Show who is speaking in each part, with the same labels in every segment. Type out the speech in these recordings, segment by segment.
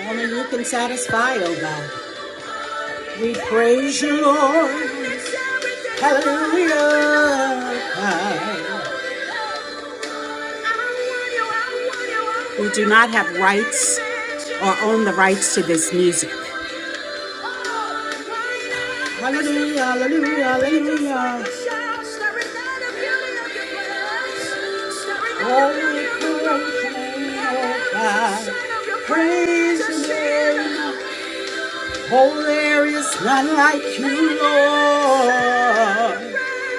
Speaker 1: Only you can satisfy, oh God. We praise you, Lord. Hallelujah. We do not have rights or own the rights to this music. Hallelujah, hallelujah, hallelujah. Holy you oh God. Praise you, Lord. Oh, there is none like you, Lord.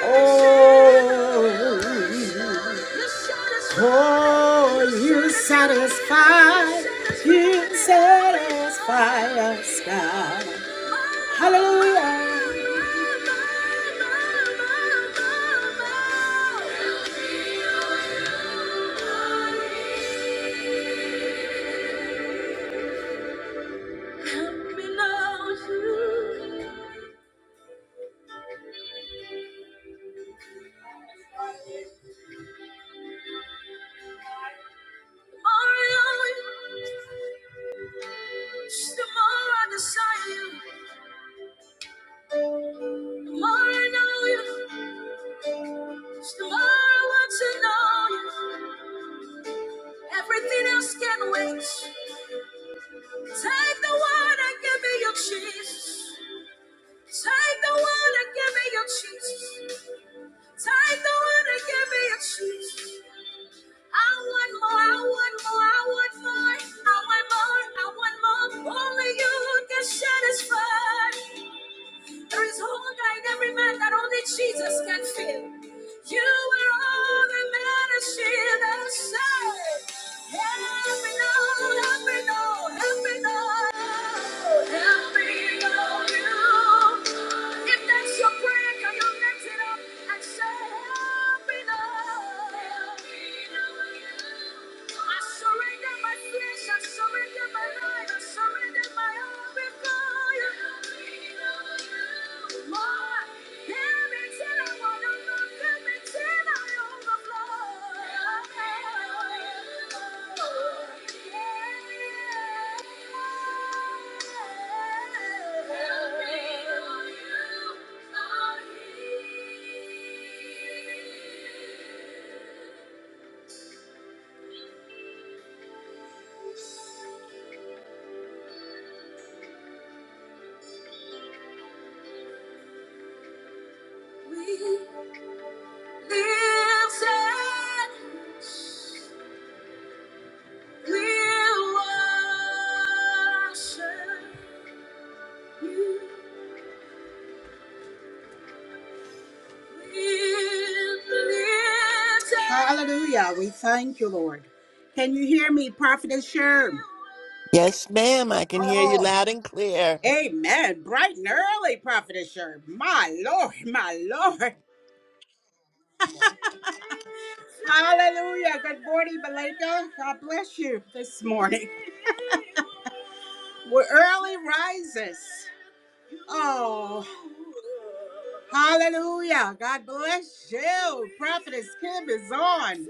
Speaker 1: Oh, oh, you satisfy, you satisfy us, God. Hallelujah. Come below you. The more I know you, the more I desire you. The more I know you, the more I want to know you. Everything else can wait. Take the one give me your Jesus. Take the one give me your Jesus. Take the one give me your Jesus. I want more, I want more, I want more. I want more, I want more. Only you can satisfy. There is hunger in every man that only Jesus can fill. You are all the man a shield and shade. Every known, every known, every known, every known you. If that's your prayer, can you lift it up and say, Every known, every known you. I surrender my flesh, I surrender my life, I surrender my all before you. We live Hallelujah. We thank you, Lord. Can you hear me, Prophetess Sherm?
Speaker 2: Yes, ma'am, I can hear you loud and clear.
Speaker 1: Amen. Bright and early, Prophetess Sherm. My Lord, my Lord. Hallelujah. Good morning, Malika. God bless you this morning. We're early risers. Oh, hallelujah. God bless you. Prophetess Kim is on.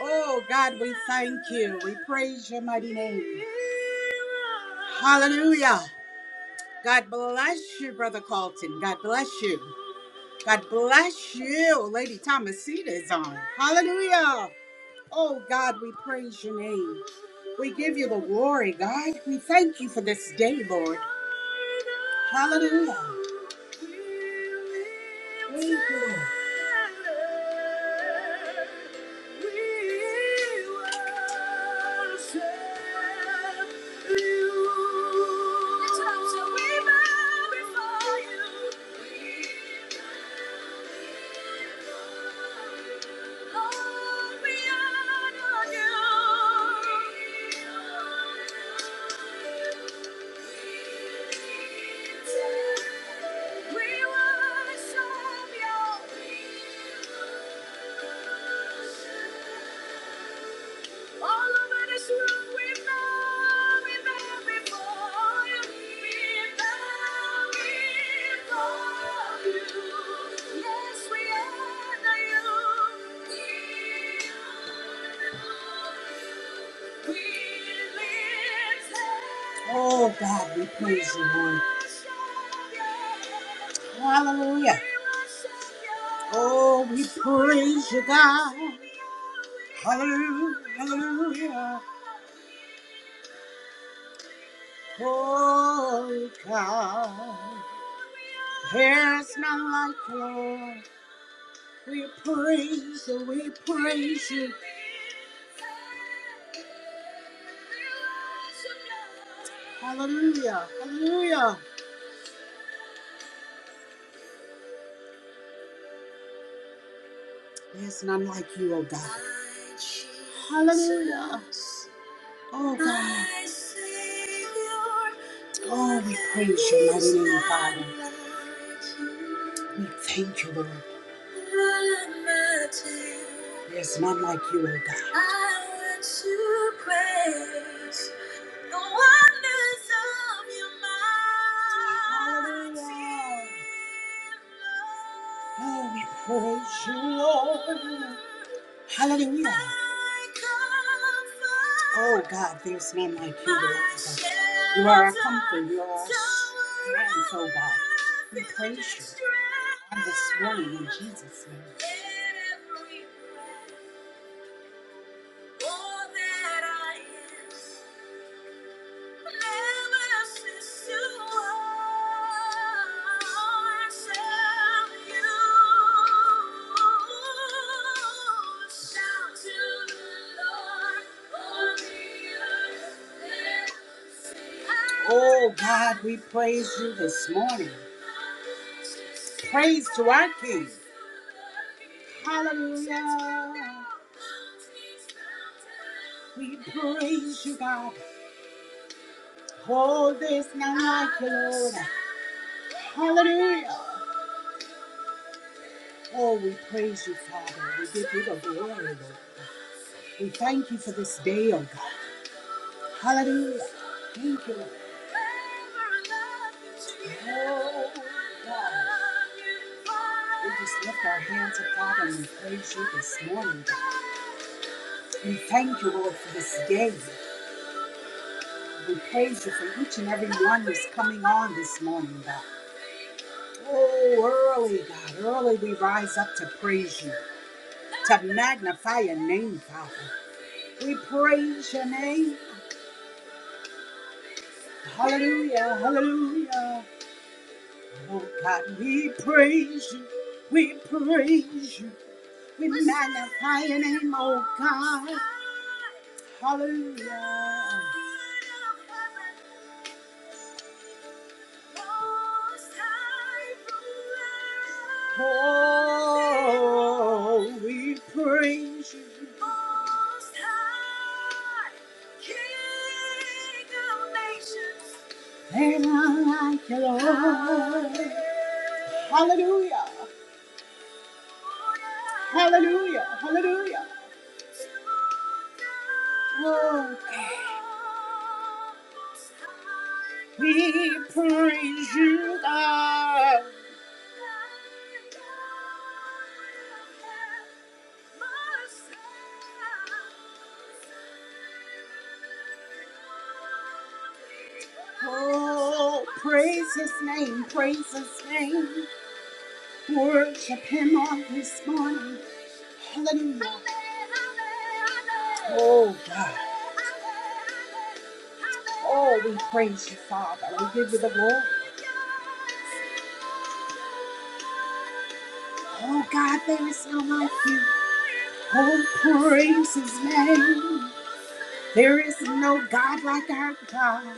Speaker 1: Oh God, we thank you. We praise your mighty name. Hallelujah. God bless you, Brother Carlton. God bless you. God bless you. Lady Thomasita is on. Hallelujah. Oh God, we praise your name. We give you the glory, God. We thank you for this day, Lord. Hallelujah. Thank you, Lord. We worship you. All over this room we bow, we bow before you. We bow before you. Yes, we honor you. We honor you. We lift heaven. Oh God, we praise you, Lord. Hallelujah. Oh, we praise you, God. Hallelujah, hallelujah. Oh God, there's none like you. We praise you, we praise you. Hallelujah, hallelujah. There's none like you, oh God. Hallelujah. Oh God. Oh, we praise your mighty name, Father. We thank you, Lord. There's none like you, O God. I want to praise the wonders of your mighty Hallelujah. love. Oh, we praise you, Lord. Hallelujah. Oh God, there's none like you, Lord. You are our comfort. You are our strength, oh God. We praise you on this morning in Jesus' name. Oh God, we praise you this morning. Praise to our King. Hallelujah. We praise you, God. Hold this now, my Lord. Hallelujah. Oh, we praise you, Father. We give you the glory, Lord. We thank you for this day, oh God. Hallelujah. Thank you, Lord. Oh, God. We just lift our hands to Father and we praise you this morning, God. We thank you, Lord, for this day. We praise you for each and every one who's coming on this morning, God. Oh, early, God, early we rise up to praise you, to magnify your name, Father. We praise your name. Hallelujah, hallelujah. Oh God, we praise you, we praise you, we magnify your name, oh God. Hallelujah. Oh, we praise you. Most High, King of nations. Ain't none like you, Lord. Hallelujah. Hallelujah. Hallelujah. Oh, we praise you, God. Oh, praise his name, praise his name. Worship him on this morning. Hallelujah. Oh, God. Oh, we praise you, Father. We give you the glory. Oh, God, there is no like you. Oh, praise his name. There is no God like our God.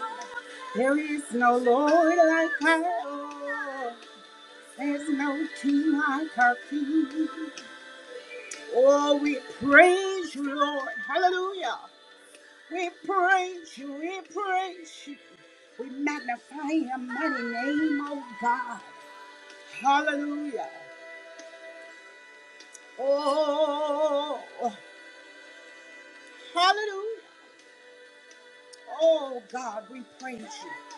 Speaker 1: There is no Lord like our Lord. There's no King like our King. Oh, we praise you, Lord. Hallelujah. We praise you, we praise you. We magnify your mighty name, oh God. Hallelujah. Oh, hallelujah. Oh God, we praise you.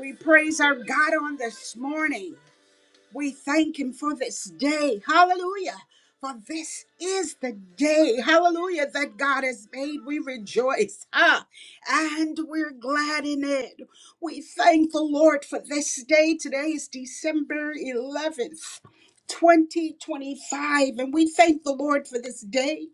Speaker 1: We praise our God on this morning. We thank him for this day. Hallelujah. For this is the day, hallelujah, that God has made. We rejoice, ah, and we're glad in it. We thank the Lord for this day. Today is December 11th, 2025, and we thank the Lord for this day.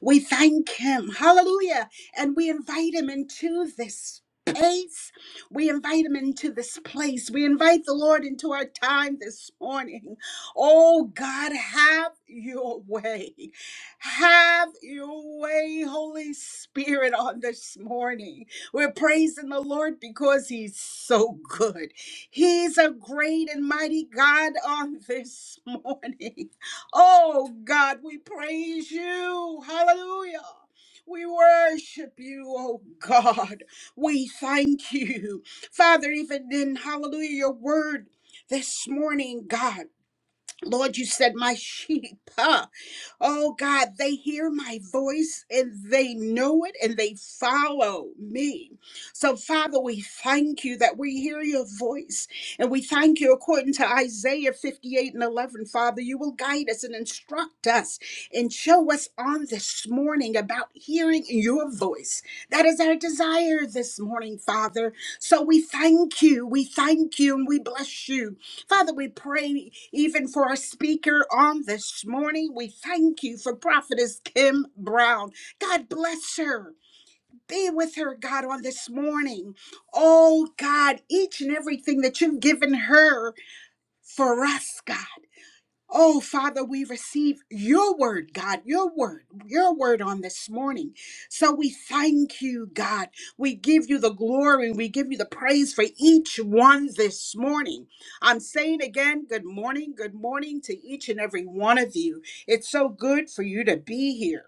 Speaker 1: We thank him. Hallelujah. And we invite him into this space. We invite him into this place. We invite the Lord into our time this morning. Oh God, have your way. Have your way, Holy Spirit, on this morning. We're praising the Lord because he's so good. He's a great and mighty God on this morning. Oh God, we praise you. Hallelujah. We worship you, oh God. We thank you. Father, even in hallelujah, your word this morning, God. Lord, you said, My sheep, huh? oh God, they hear my voice and they know it and they follow me. So, Father, we thank you that we hear your voice and we thank you according to Isaiah 58 and 11. Father, you will guide us and instruct us and show us on this morning about hearing your voice. That is our desire this morning, Father. So, we thank you, we thank you, and we bless you. Father, we pray even for our speaker on this morning. We thank you for Prophetess Kim Brown. God bless her. Be with her, God, on this morning. Oh, God, each and everything that you've given her for us, God. Oh, Father, we receive your word, God, your word, your word on this morning. So we thank you, God. We give you the glory and we give you the praise for each one this morning. I'm saying again, good morning, good morning to each and every one of you. It's so good for you to be here.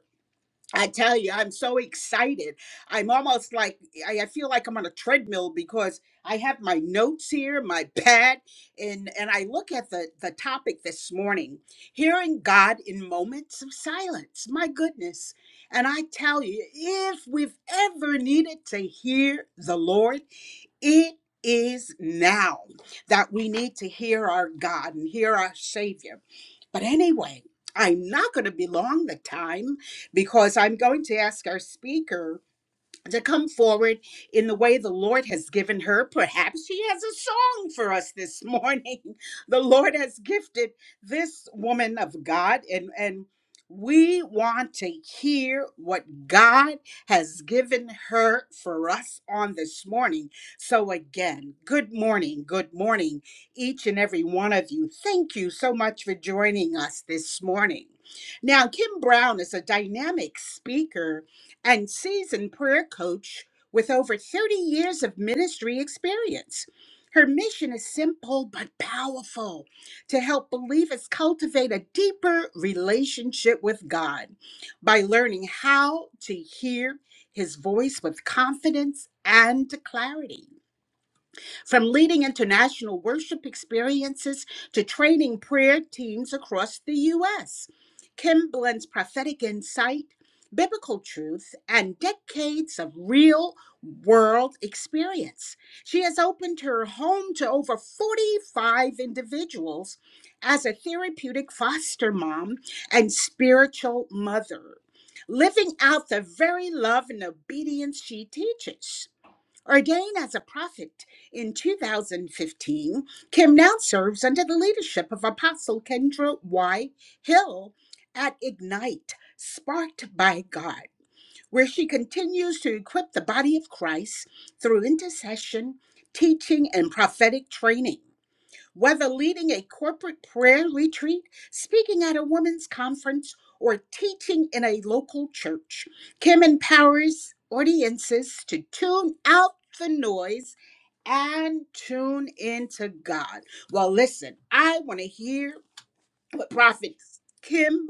Speaker 1: I tell you, I'm so excited. I'm almost like I I feel like I'm on a treadmill because I have my notes here, my pad, and and I look at the the topic this morning, hearing God in moments of silence. My goodness. And I tell you, if we've ever needed to hear the Lord, it is now that we need to hear our God and hear our Savior. But anyway, I'm not going to be long the time because I'm going to ask our speaker to come forward in the way the Lord has given her. Perhaps she has a song for us this morning. The Lord has gifted this woman of God and and we want to hear what God has given her for us on this morning. So, again, good morning, good morning, each and every one of you. Thank you so much for joining us this morning. Now, Kim Brown is a dynamic speaker and seasoned prayer coach with over 30 years of ministry experience. Her mission is simple but powerful to help believers cultivate a deeper relationship with God by learning how to hear his voice with confidence and clarity. From leading international worship experiences to training prayer teams across the U.S., Kim blends prophetic insight, biblical truth, and decades of real world experience. She has opened her home to over 45 individuals as a therapeutic foster mom and spiritual mother, living out the very love and obedience she teaches. Ordained as a prophet in 2015, Kim now serves under the leadership of Apostle Kendra Y. Hill at Ignite, Sparked by God, where she continues to equip the body of Christ through intercession, teaching, and prophetic training. Whether leading a corporate prayer retreat, speaking at a women's conference, or teaching in a local church, Kim empowers audiences to tune out the noise and tune into God. Well, listen, I want to hear Prophet Kim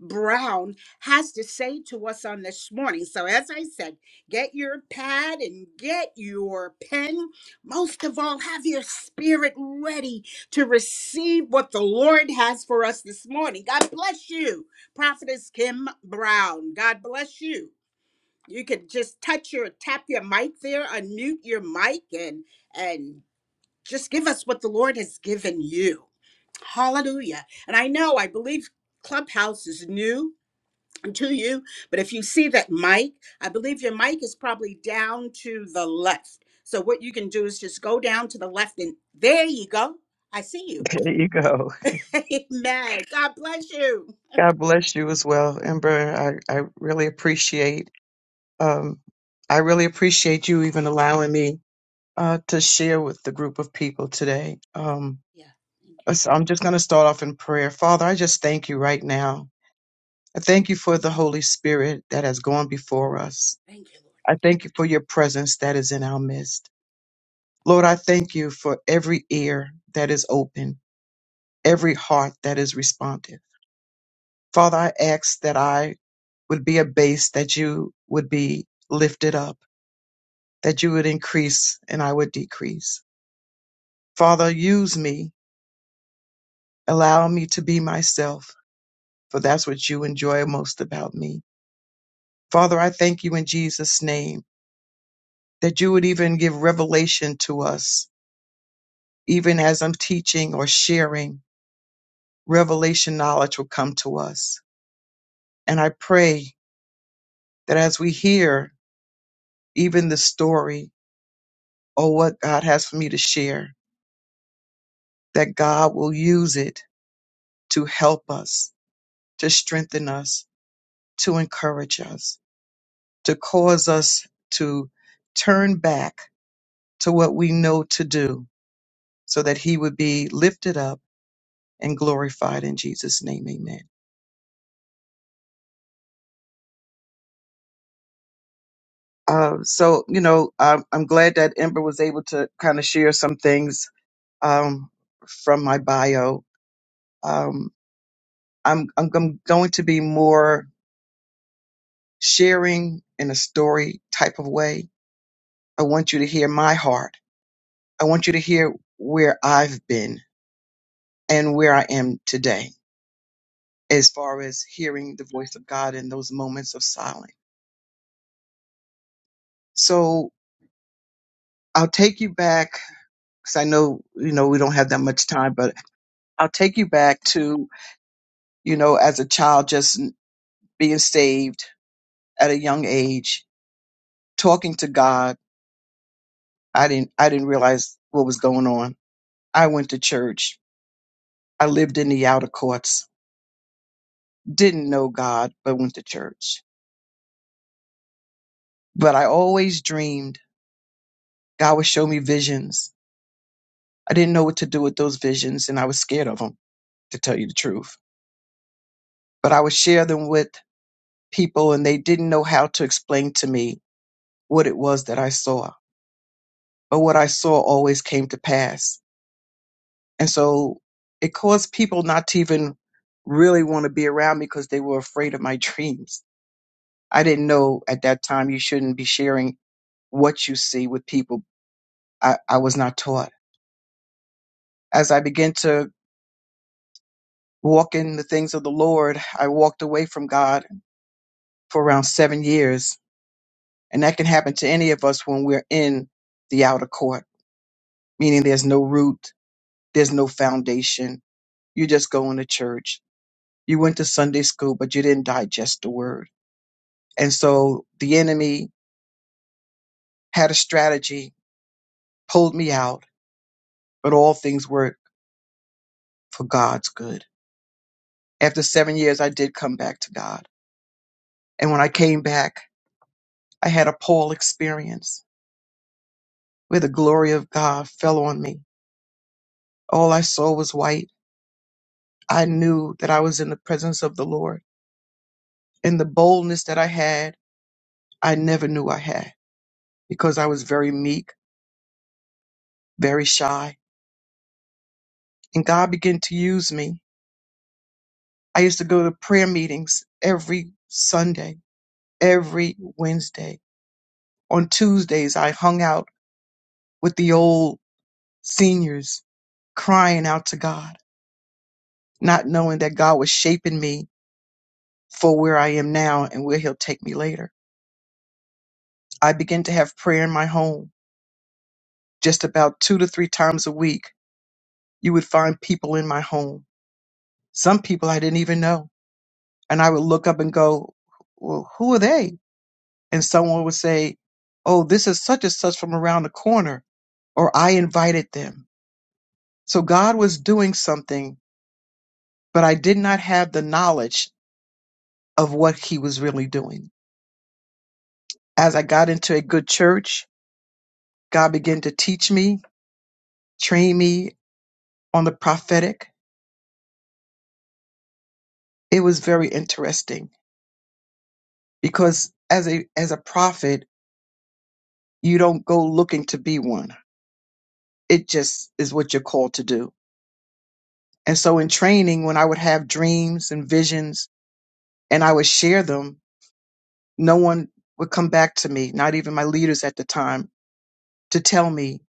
Speaker 1: Brown has to say to us on this morning. So, as I said, get your pad and get your pen. Most of all, have your spirit ready to receive what the Lord has for us this morning. God bless you, Prophetess Kim Brown. God bless you. You could just touch your tap your mic there, unmute your mic, and and just give us what the Lord has given you. Hallelujah. And I know, I believe Clubhouse is new to you, but if you see that mic, I believe your mic is probably down to the left. So what you can do is just go down to the left and there you go. I see you.
Speaker 3: There you go.
Speaker 1: Amen. God bless you.
Speaker 3: God bless you as well, Ember. I, I really appreciate um I really appreciate you even allowing me uh to share with the group of people today. Um
Speaker 1: Yeah. Thank you.
Speaker 3: uh, so I'm just gonna start off in prayer. Father, I just thank you right now. I thank you for the Holy Spirit that has gone before us.
Speaker 1: Thank you, Lord.
Speaker 3: I thank you for your presence that is in our midst. Lord, I thank you for every ear that is open, every heart that is responsive. Father, I ask that I would be a base that you would be lifted up, that you would increase and I would decrease. Father, use me. Allow me to be myself, for that's what you enjoy most about me. Father, I thank you in Jesus' name that you would even give revelation to us, even as I'm teaching or sharing, revelation knowledge will come to us. And I pray that as we hear even the story or what God has for me to share, that God will use it to help us, to strengthen us, to encourage us, to cause us to turn back to what we know to do so that he would be lifted up and glorified in Jesus' name. Amen. Uh, so, you know, I'm, I'm glad that Ember was able to kind of share some things um, from my bio. Um, I'm, I'm I'm going to be more sharing in a story type of way. I want you to hear my heart I want you to hear where I've been and where I am today as far as hearing the voice of God in those moments of silence. So I'll take you back because I know, you know, we don't have that much time, but I'll take you back to, you know, as a child, just being saved at a young age, talking to God. I didn't, I didn't realize what was going on. I went to church. I lived in the outer courts, didn't know God, but went to church. But I always dreamed God would show me visions. I didn't know what to do with those visions and I was scared of them, to tell you the truth. But I would share them with people and they didn't know how to explain to me what it was that I saw. But what I saw always came to pass. And so it caused people not to even really want to be around me because they were afraid of my dreams. I didn't know at that time you shouldn't be sharing what you see with people. I, I was not taught. As I began to walk in the things of the Lord, I walked away from God for around seven years. And that can happen to any of us when we're in the outer court, meaning there's no root, there's no foundation. You're just going to church. You went to Sunday school, but you didn't digest the word. And so the enemy had a strategy, pulled me out, but all things work for God's good. After seven years, I did come back to God. And when I came back, I had a Paul experience where the glory of God fell on me. All I saw was white. I knew that I was in the presence of the Lord. And the boldness that I had, I never knew I had because I was very meek, very shy. And God began to use me. I used to go to prayer meetings every Sunday, every Wednesday. On Tuesdays, I hung out with the old seniors crying out to God, not knowing that God was shaping me for where I am now and where He'll take me later. I began to have prayer in my home just about two to three times a week you would find people in my home. Some people I didn't even know. And I would look up and go, well, who are they? And someone would say, oh, this is such and such from around the corner, or I invited them. So God was doing something, but I did not have the knowledge of what he was really doing. As I got into a good church, God began to teach me, train me on the prophetic. It was very interesting because as a, as a prophet, you don't go looking to be one it just is what you're called to do. And so in training, when I would have dreams and visions and I would share them, no one would come back to me, not even my leaders at the time, to tell me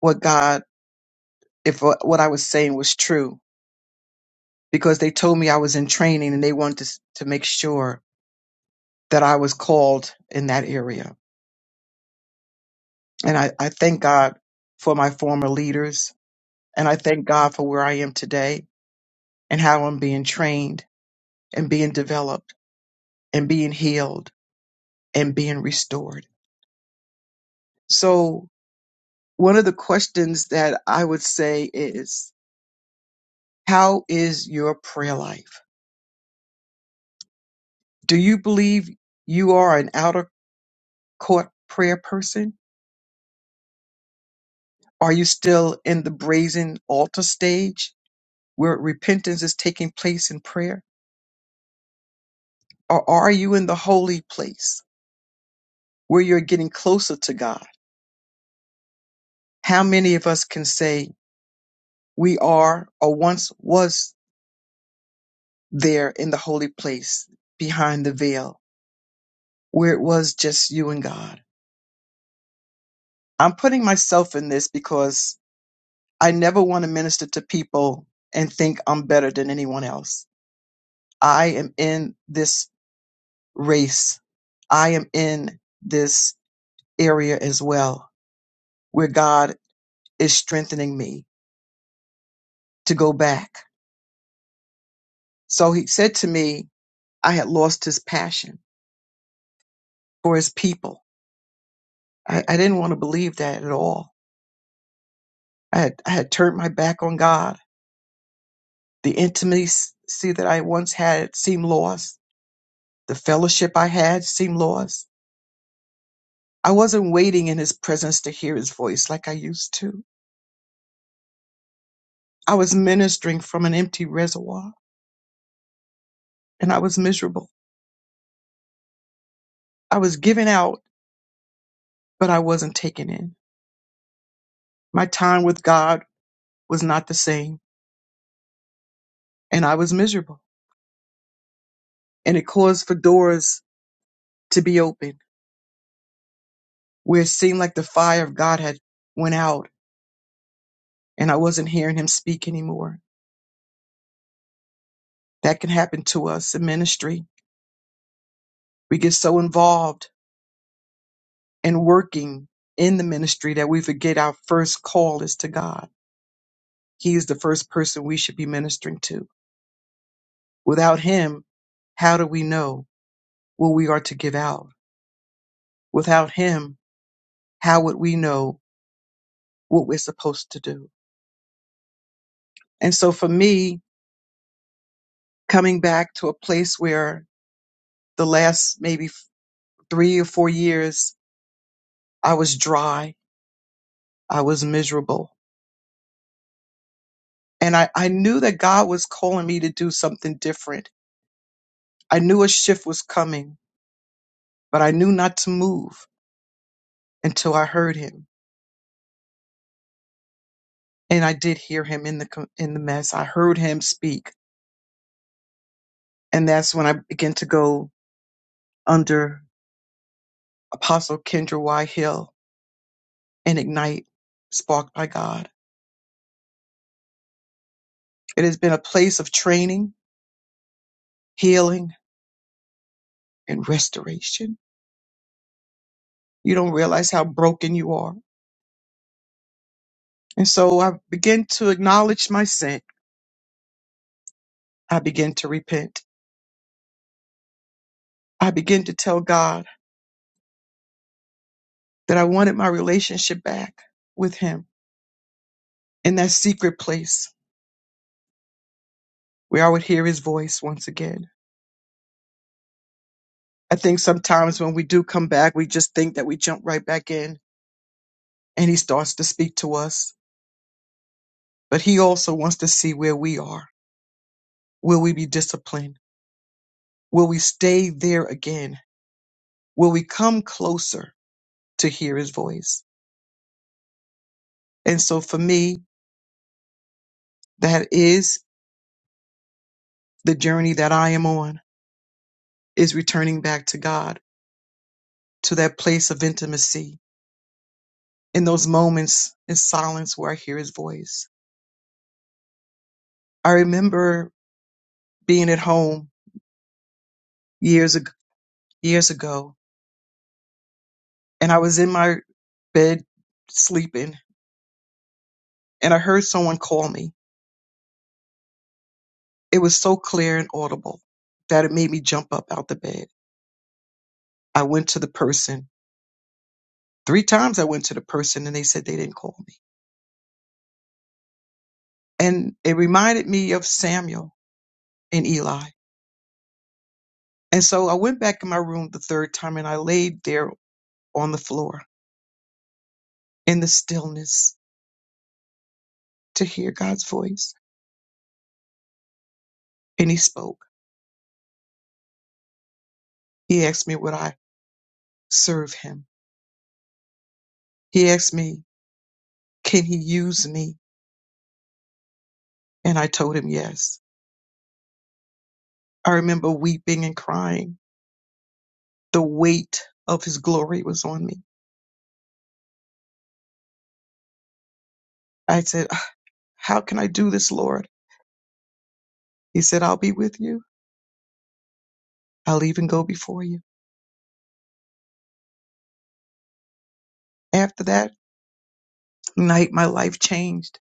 Speaker 3: what God, if what what I was saying was true, because they told me I was in training and they wanted to, s- to make sure that I was called in that area. And I, I thank God for my former leaders. And I thank God for where I am today and how I'm being trained and being developed and being healed and being restored. So, one of the questions that I would say is How is your prayer life? Do you believe you are an outer court prayer person? Are you still in the brazen altar stage where repentance is taking place in prayer? Or are you in the holy place where you're getting closer to God? How many of us can say we are or once was there in the holy place behind the veil? where it was just you and God. I'm putting myself in this because I never want to minister to people and think I'm better than anyone else. I am in this race. I am in this area as well where God is strengthening me to go back. So he said to me, I had lost his passion for his people. I, I didn't want to believe that at all. I had, I had turned my back on God. The intimacy that I once had seemed lost The fellowship I had seemed lost. I wasn't waiting in his presence to hear his voice like I used to. I was ministering from an empty reservoir and I was miserable. I was giving out, but I wasn't taking in. My time with God was not the same and I was miserable. And it caused for doors to be opened where it seemed like the fire of God had went out and I wasn't hearing him speak anymore. That can happen to us in ministry. We get so involved and working in the ministry that we forget our first call is to God. He is the first person we should be ministering to. Without Him, how do we know what we are to give out? Without Him, how would we know what we're supposed to do? And so for me, coming back to a place where the last maybe f- three or four years, I was dry, I was miserable. And I, I knew that God was calling me to do something different. I knew a shift was coming but I knew not to move until I heard him. And I did hear him in the com- in the mess. I heard him speak, and that's when I began to go under Apostle Kendra Y. Hill and ignite, sparked by God. It has been a place of training, healing, and restoration. You don't realize how broken you are. And so I began to acknowledge my sin. I began to repent. I began to tell God that I wanted my relationship back with Him in that secret place where I would hear his voice once again. I think sometimes when we do come back, we just think that we jump right back in and he starts to speak to us. But he also wants to see where we are. Will we be disciplined? Will we stay there again? Will we come closer to hear his voice? And so for me, that is the journey that I am on is returning back to God, to that place of intimacy in those moments in silence where I hear his voice. I remember being at home years ago years ago and I was in my bed sleeping and I heard someone call me. It was so clear and audible that it made me jump up out the bed. I went to the person. Three times I went to the person and they said they didn't call me. And it reminded me of Samuel and Eli. And so I went back in my room the third time and I laid there on the floor in the stillness to hear God's voice. And he spoke. He asked me would I serve him. He asked me, can he use me? And I told him yes. I remember weeping and crying. The weight of his glory was on me. I said, How can I do this, Lord? He said, I'll be with you. I'll even go before you. After that night, my life changed.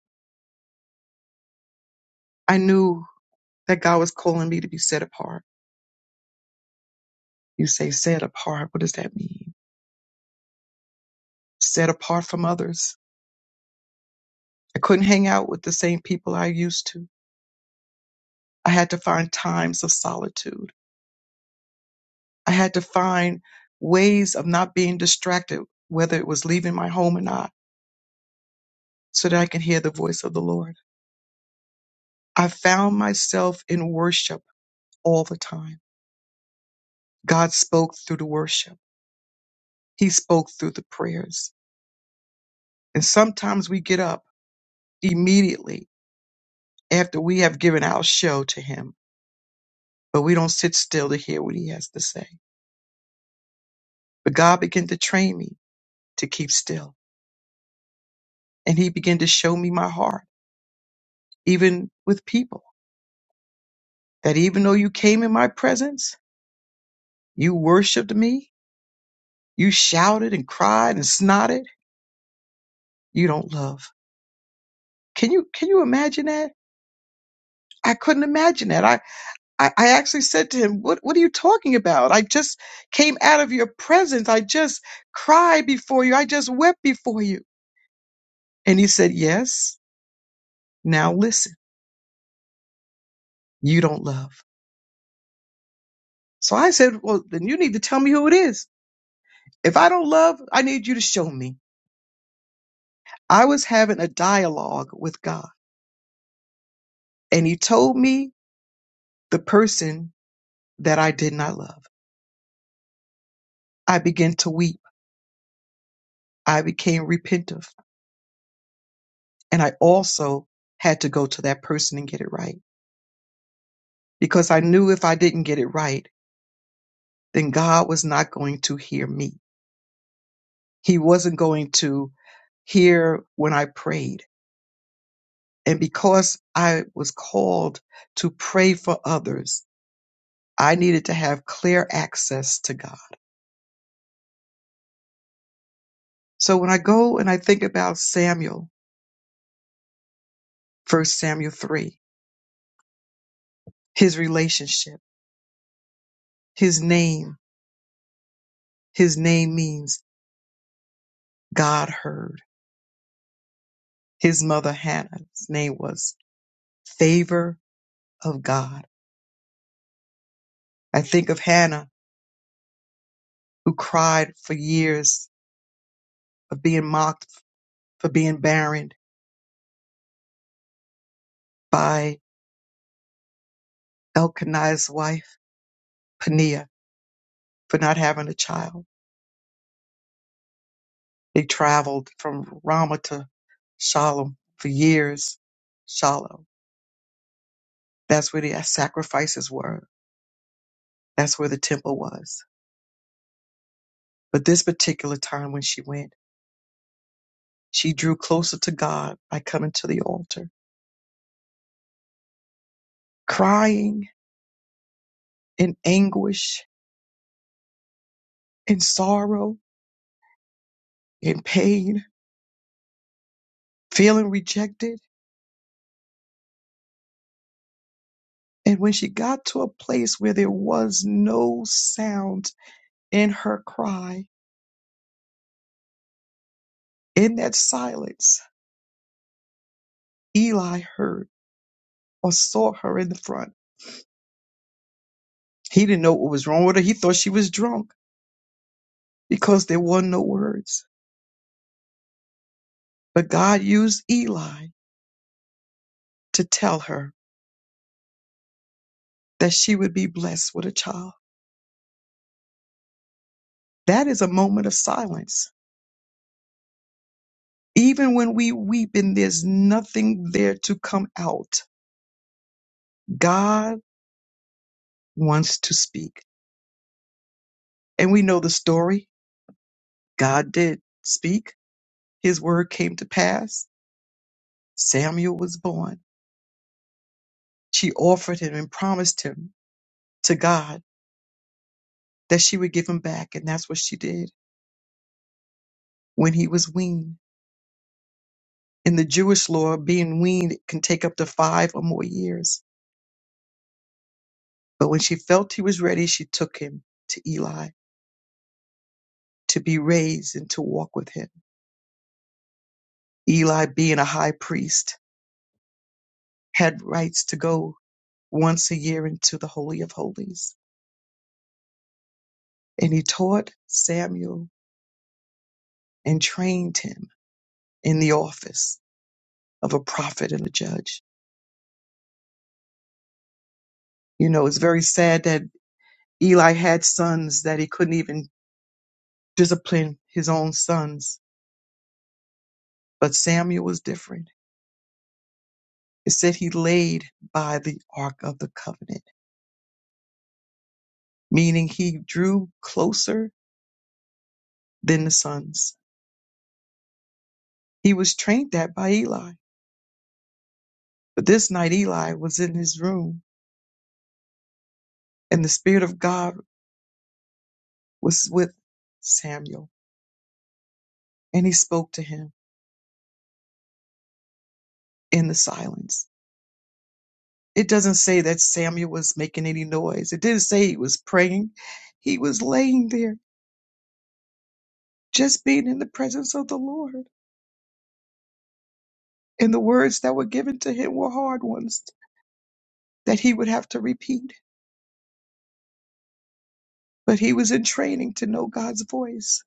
Speaker 3: I knew that God was calling me to be set apart. You say set apart. What does that mean? Set apart from others. I couldn't hang out with the same people I used to. I had to find times of solitude I had to find ways of not being distracted, whether it was leaving my home or not, so that I can hear the voice of the Lord. I found myself in worship all the time. God spoke through the worship. He spoke through the prayers. And sometimes we get up immediately after we have given our show to him, but we don't sit still to hear what he has to say. But God began to train me to keep still. And he began to show me my heart, even with people, that even though you came in my presence, You worshipped me. You shouted and cried and snotted. You don't love. Can you can you imagine that? I couldn't imagine that. I, I, I actually said to him, what, what are you talking about? I just came out of your presence. I just cried before you. I just wept before you. And he said, Yes, now listen, you don't love. So I said, Well, then you need to tell me who it is. If I don't love, I need you to show me. I was having a dialogue with God, and he told me the person that I did not love. I began to weep. I became repentive. And I also had to go to that person and get it right because I knew if I didn't get it right, then God was not going to hear me. He wasn't going to hear when I prayed. And because I was called to pray for others, I needed to have clear access to God. So when I go and I think about Samuel, First Samuel 3, his relationship, his name, His name means God heard. His mother Hannah's name was favor of God. I think of Hannah who cried for years of being mocked for being barren by Elkanah's wife Peniah for not having a child. They traveled from Ramah to Shalom for years. Shalom. That's where the sacrifices were. That's where the temple was. But this particular time when she went. She drew closer to God by coming to the altar, crying in anguish, in sorrow, in pain, feeling rejected. And when she got to a place where there was no sound in her cry, in that silence, Eli heard or saw her in the front. He didn't know what was wrong with her. He thought she was drunk because there were no words. But God used Eli to tell her that she would be blessed with a child. That is a moment of silence Even when we weep and there's nothing there to come out, God wants to speak. And we know the story. God did speak. His word came to pass. Samuel was born. She offered him and promised him to God that she would give him back. And that's what she did when he was weaned. In the Jewish law, being weaned can take up to five or more years. But when she felt he was ready, she took him to Eli to be raised and to walk with him. Eli, being a high priest, had rights to go once a year into the Holy of Holies. And he taught Samuel and trained him in the office of a prophet and a judge. You know, it's very sad that Eli had sons that he couldn't even discipline his own sons, but Samuel was different. It said he laid by the Ark of the Covenant, meaning he drew closer than the sons. He was trained that by Eli But this night Eli was in his room, and the Spirit of God was with Samuel, and he spoke to him in the silence. It doesn't say that Samuel was making any noise, it didn't say he was praying. He was laying there, just being in the presence of the Lord. And the words that were given to him were hard ones that he would have to repeat. But he was in training to know God's voice.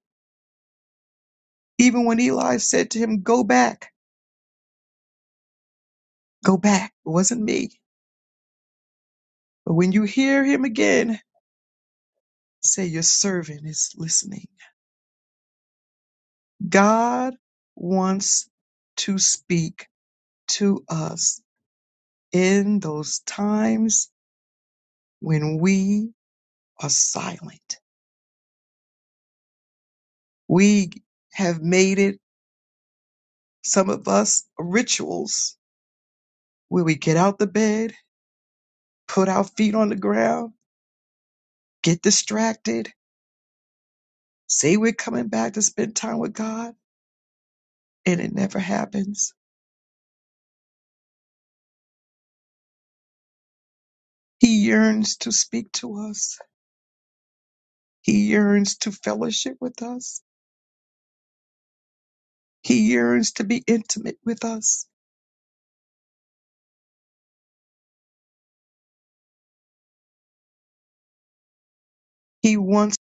Speaker 3: Even when Eli said to him, Go back, go back, it wasn't me. But when you hear him again, Say, Your servant is listening. God wants to speak to us in those times when we are silent. We have made it, some of us, rituals where we get out the bed, put our feet on the ground, get distracted, say we're coming back to spend time with God, and it never happens. He yearns to speak to us. He yearns to fellowship with us. He yearns to be intimate with us. He wants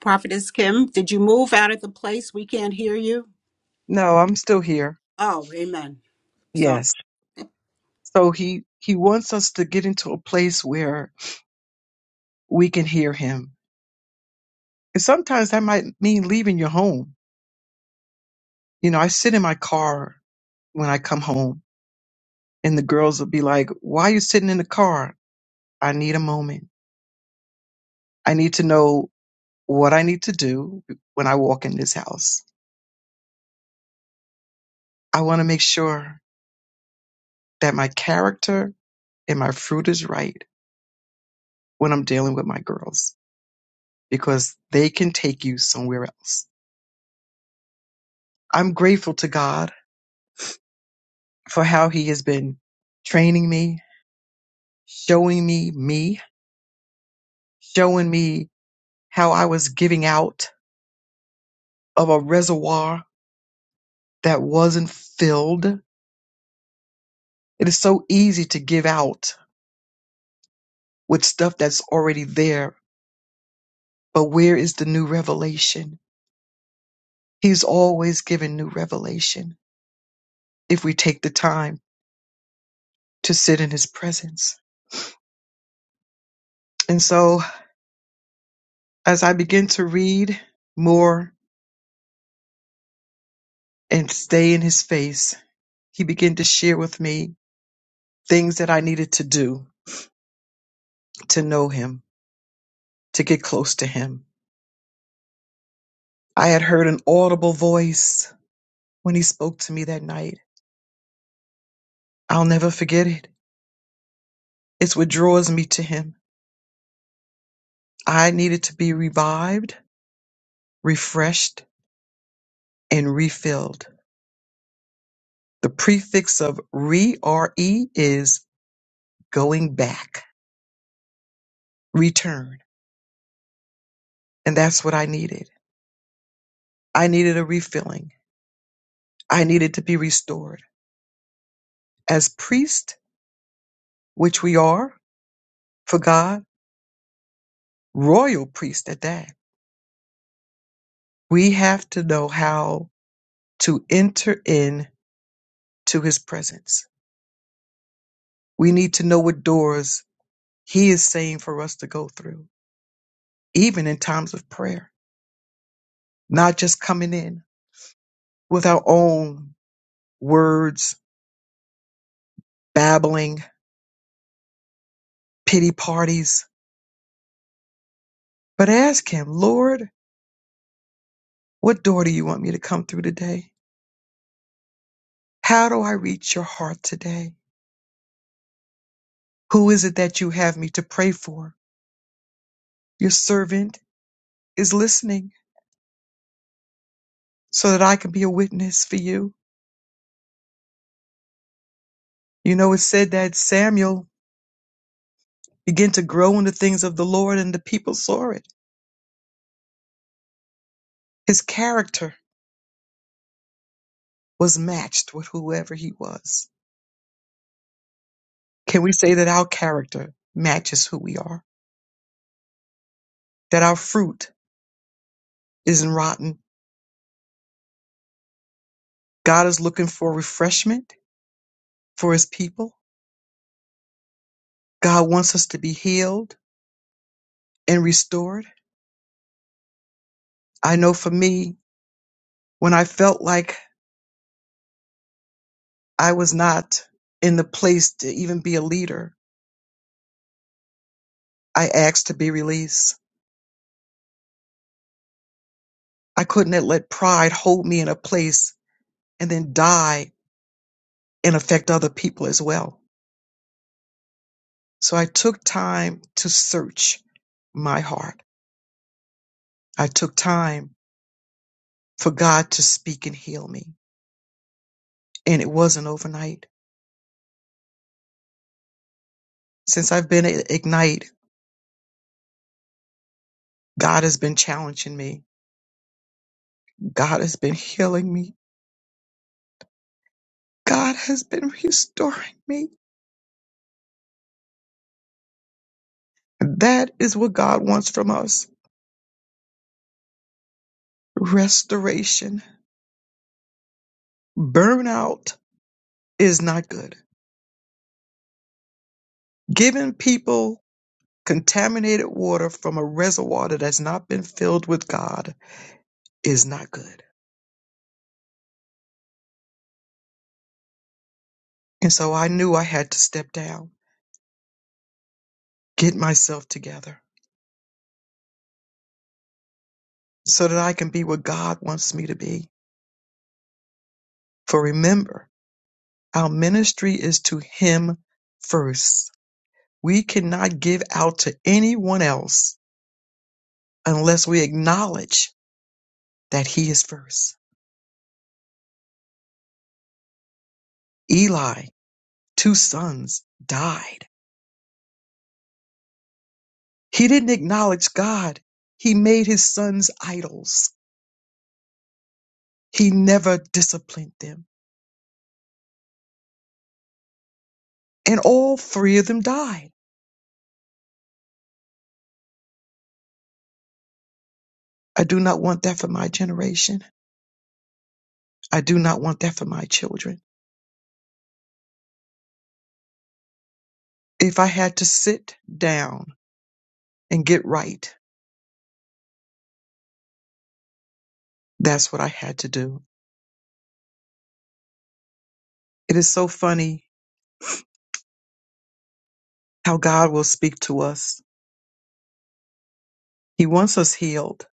Speaker 1: Prophetess Kim, did you move out of the place? We can't hear you.
Speaker 3: No, I'm still here.
Speaker 1: Oh, amen.
Speaker 3: Yes. So he he wants us to get into a place where we can hear him. And sometimes that might mean leaving your home. You know, I sit in my car when I come home and the girls will be like, "Why are you sitting in the car?" I need a moment. I need to know what I need to do when I walk in this house. I want to make sure that my character and my fruit is right when I'm dealing with my girls because they can take you somewhere else. I'm grateful to God for how He has been training me, showing me me, showing me how I was giving out of a reservoir that wasn't filled. It is so easy to give out with stuff that's already there, but where is the new revelation? He's always giving new revelation if we take the time to sit in His presence. And so, as I begin to read more and stay in his face, he began to share with me things that I needed to do to know him, to get close to him. I had heard an audible voice when he spoke to me that night. I'll never forget it. It's what draws me to him. I needed to be revived, refreshed, and refilled. The prefix of re re is going back, return. And that's what I needed. I needed a refilling. I needed to be restored. As priest which we are for God, royal priest at that. We have to know how to enter in to his presence. We need to know what doors he is saying for us to go through, even in times of prayer, not just coming in with our own words, babbling, pity parties, but ask him, Lord, what door do you want me to come through today? How do I reach your heart today? Who is it that you have me to pray for? Your servant is listening so that I can be a witness for you. You know, it said that Samuel began to grow in the things of the Lord and the people saw it. His character was matched with whoever he was. Can we say that our character matches who we are? That our fruit isn't rotten? God is looking for refreshment for his people. God wants us to be healed and restored. I know for me, when I felt like I was not in the place to even be a leader, I asked to be released. I couldn't have let pride hold me in a place and then die and affect other people as well. So I took time to search my heart. I took time for God to speak and heal me. And it wasn't overnight. Since I've been at Ignite, God has been challenging me. God has been healing me. God has been restoring me. That is what God wants from us restoration. Burnout is not good giving people contaminated water from a reservoir that has not been filled with God is not good. And so I knew I had to step down, get myself together so that I can be what God wants me to be. For remember, our ministry is to Him first. We cannot give out to anyone else unless we acknowledge that He is first. Eli, two sons, died He didn't acknowledge God. He made his sons idols. He never disciplined them. And all three of them died. I do not want that for my generation. I do not want that for my children. If I had to sit down and get right, that's what I had to do. It is so funny how God will speak to us. He wants us healed.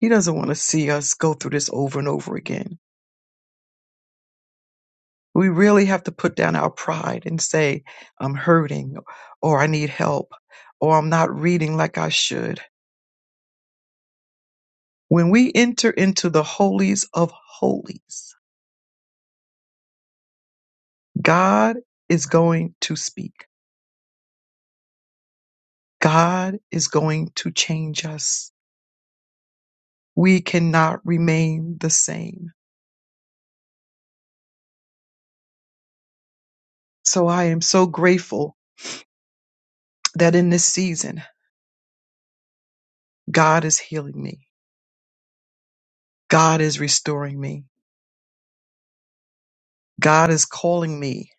Speaker 3: He doesn't want to see us go through this over and over again. We really have to put down our pride and say, I'm hurting, or I need help, or I'm not reading like I should. When we enter into the holies of holies, God is going to speak. God is going to change us. We cannot remain the same. So I am so grateful that in this season, God is healing me. God is restoring me. God is calling me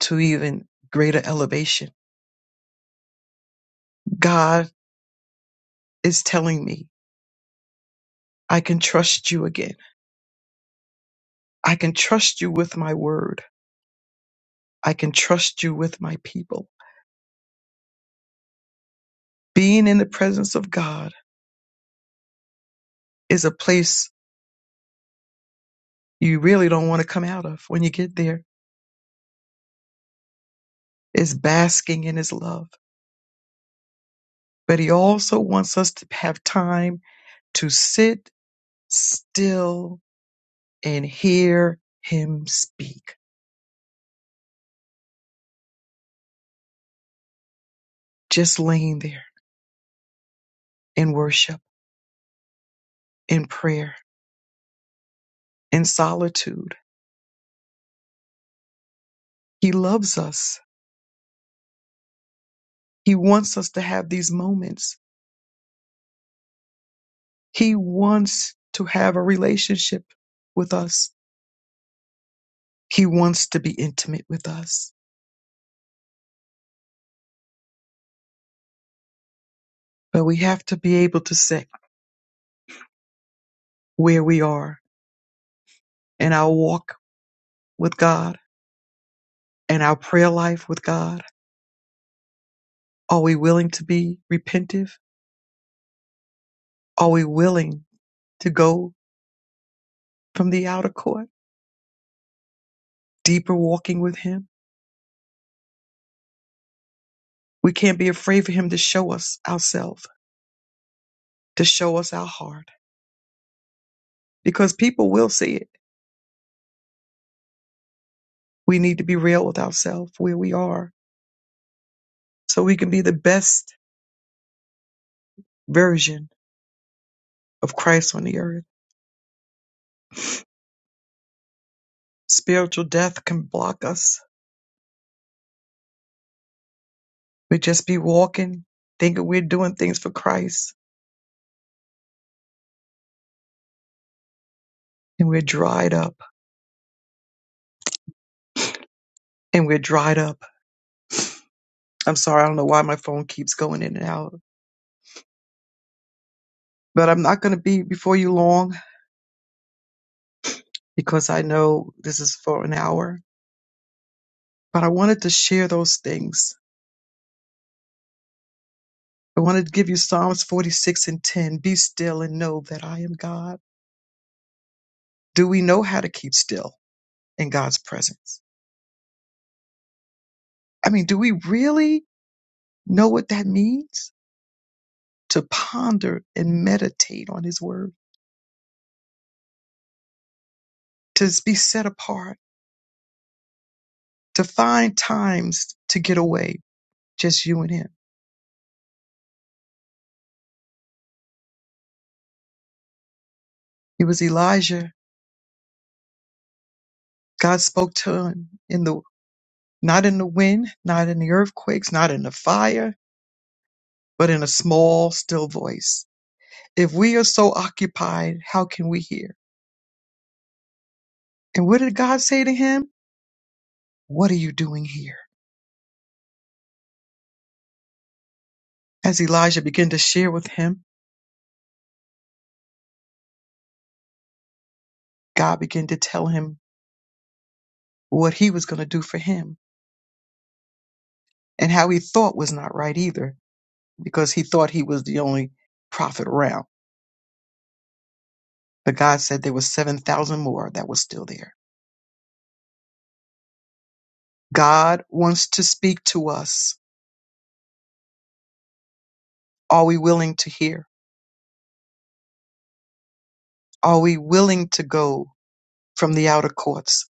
Speaker 3: to even greater elevation. God is telling me, I can trust you again. I can trust you with my word. I can trust you with my people. Being in the presence of God is a place you really don't want to come out of when you get there, is basking in his love. But he also wants us to have time to sit still and hear him speak. Just laying there in worship, in prayer, in solitude. He loves us. He wants us to have these moments He wants to have a relationship with us. He wants to be intimate with us. But we have to be able to say where we are in our walk with God and our prayer life with God. Are we willing to be repentive? Are we willing to go from the outer court, deeper walking with Him? We can't be afraid for Him to show us ourselves, to show us our heart, because people will see it. We need to be real with ourselves where we are so we can be the best version of Christ on the earth. Spiritual death can block us. We just be walking, thinking we're doing things for Christ, and we're dried up. And we're dried up. I'm sorry, I don't know why my phone keeps going in and out. But I'm not going to be before you long because I know this is for an hour. But I wanted to share those things. I wanted to give you Psalms 46 and 10. Be still and know that I am God. Do we know how to keep still in God's presence? I mean, do we really know what that means? to ponder and meditate on His Word, to be set apart, to find times to get away, just you and Him. It was Elijah. God spoke to him in the not in the wind, not in the earthquakes, not in the fire, but in a small, still voice. If we are so occupied, how can we hear? And what did God say to him? What are you doing here? As Elijah began to share with him, God began to tell him what he was going to do for him and how he thought was not right either because he thought he was the only prophet around. But God said there were 7,000 more that were still there. God wants to speak to us. Are we willing to hear? Are we willing to go from the outer courts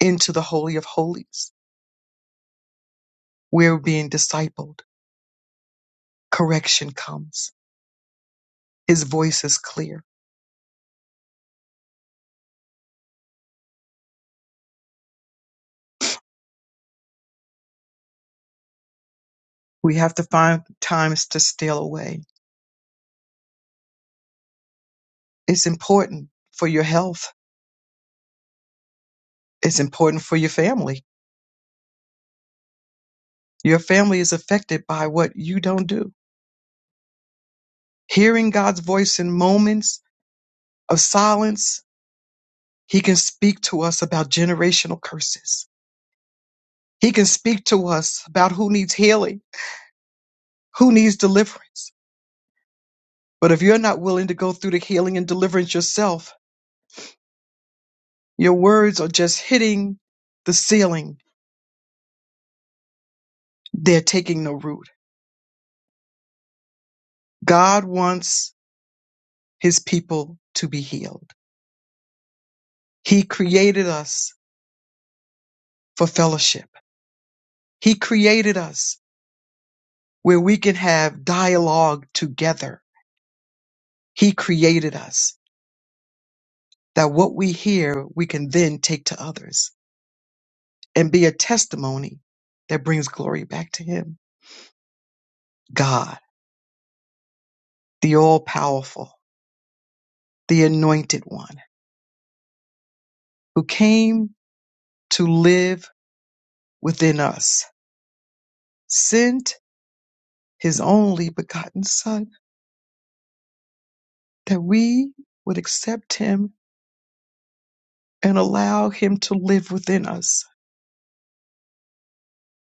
Speaker 3: into the Holy of Holies? We're being discipled. Correction comes. His voice is clear. We have to find times to steal away. It's important for your health. It's important for your family. Your family is affected by what you don't do Hearing God's voice in moments of silence, He can speak to us about generational curses. He can speak to us about who needs healing, who needs deliverance. But if you're not willing to go through the healing and deliverance yourself, your words are just hitting the ceiling. They're taking no root. God wants His people to be healed. He created us for fellowship. He created us where we can have dialogue together. He created us. that what we hear we can then take to others and be a testimony that brings glory back to Him. God, the all powerful, the anointed one, who came to live within us, sent His only begotten Son that we would accept Him and allow Him to live within us,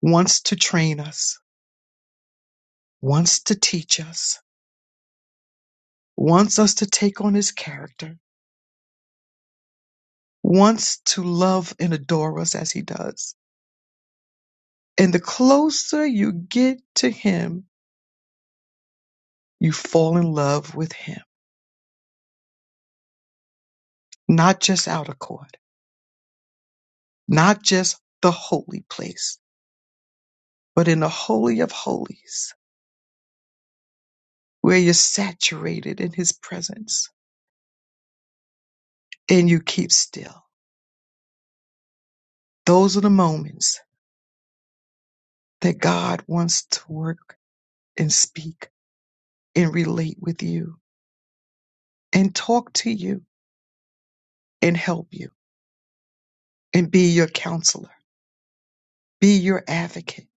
Speaker 3: wants to train us, wants to teach us, wants us to take on His character, wants to love and adore us as He does And the closer you get to him, you fall in love with him, not just outer court, not just the holy place, but in the holy of holies where you're saturated in his presence and you keep still. Those are the moments that God wants to work and speak and relate with you and talk to you and help you and be your counselor, be your advocate,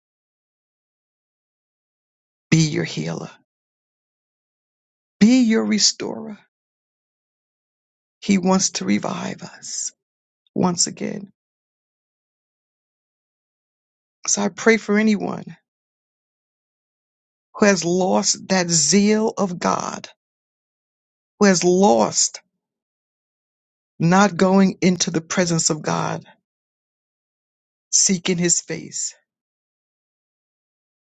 Speaker 3: be your healer, be your restorer He wants to revive us once again. So I pray for anyone who has lost that zeal of God, who has lost not going into the presence of God, seeking his face,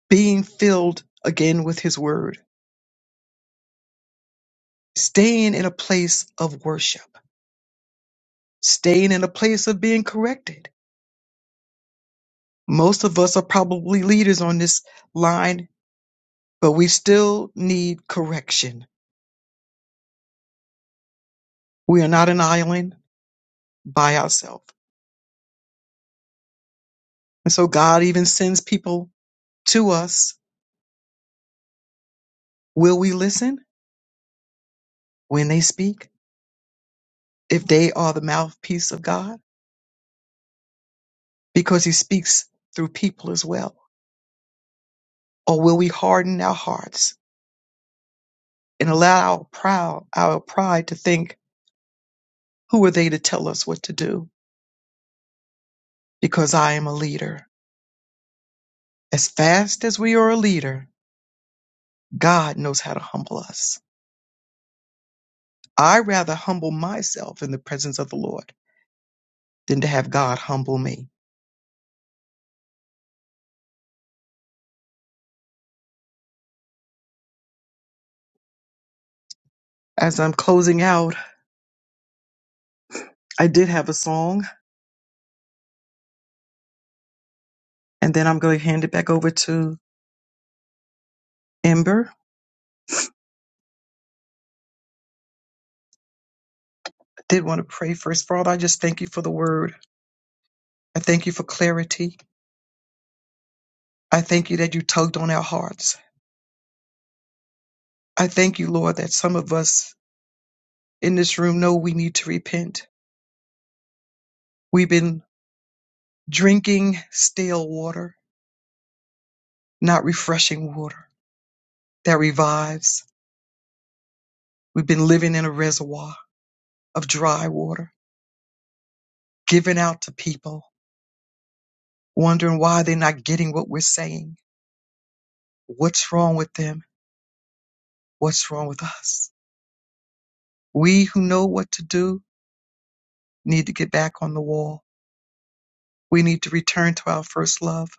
Speaker 3: being filled again with his word, staying in a place of worship, staying in a place of being corrected. Most of us are probably leaders on this line, but we still need correction. We are not an island by ourselves. And so God even sends people to us. Will we listen when they speak? If they are the mouthpiece of God? Because he speaks through people as well. Or will we harden our hearts and allow our proud, our pride to think, who are they to tell us what to do? Because I am a leader. As fast as we are a leader, God knows how to humble us. I rather humble myself in the presence of the Lord than to have God humble me. As I'm closing out, I did have a song And then I'm going to hand it back over to Ember. I did want to pray first. Father, I just thank you for the word. I thank you for clarity. I thank you that you tugged on our hearts. I thank you, Lord, that some of us in this room know we need to repent. We've been drinking stale water, not refreshing water that revives. We've been living in a reservoir of dry water, giving out to people, wondering why they're not getting what we're saying. What's wrong with them? What's wrong with us? We who know what to do need to get back on the wall. We need to return to our first love.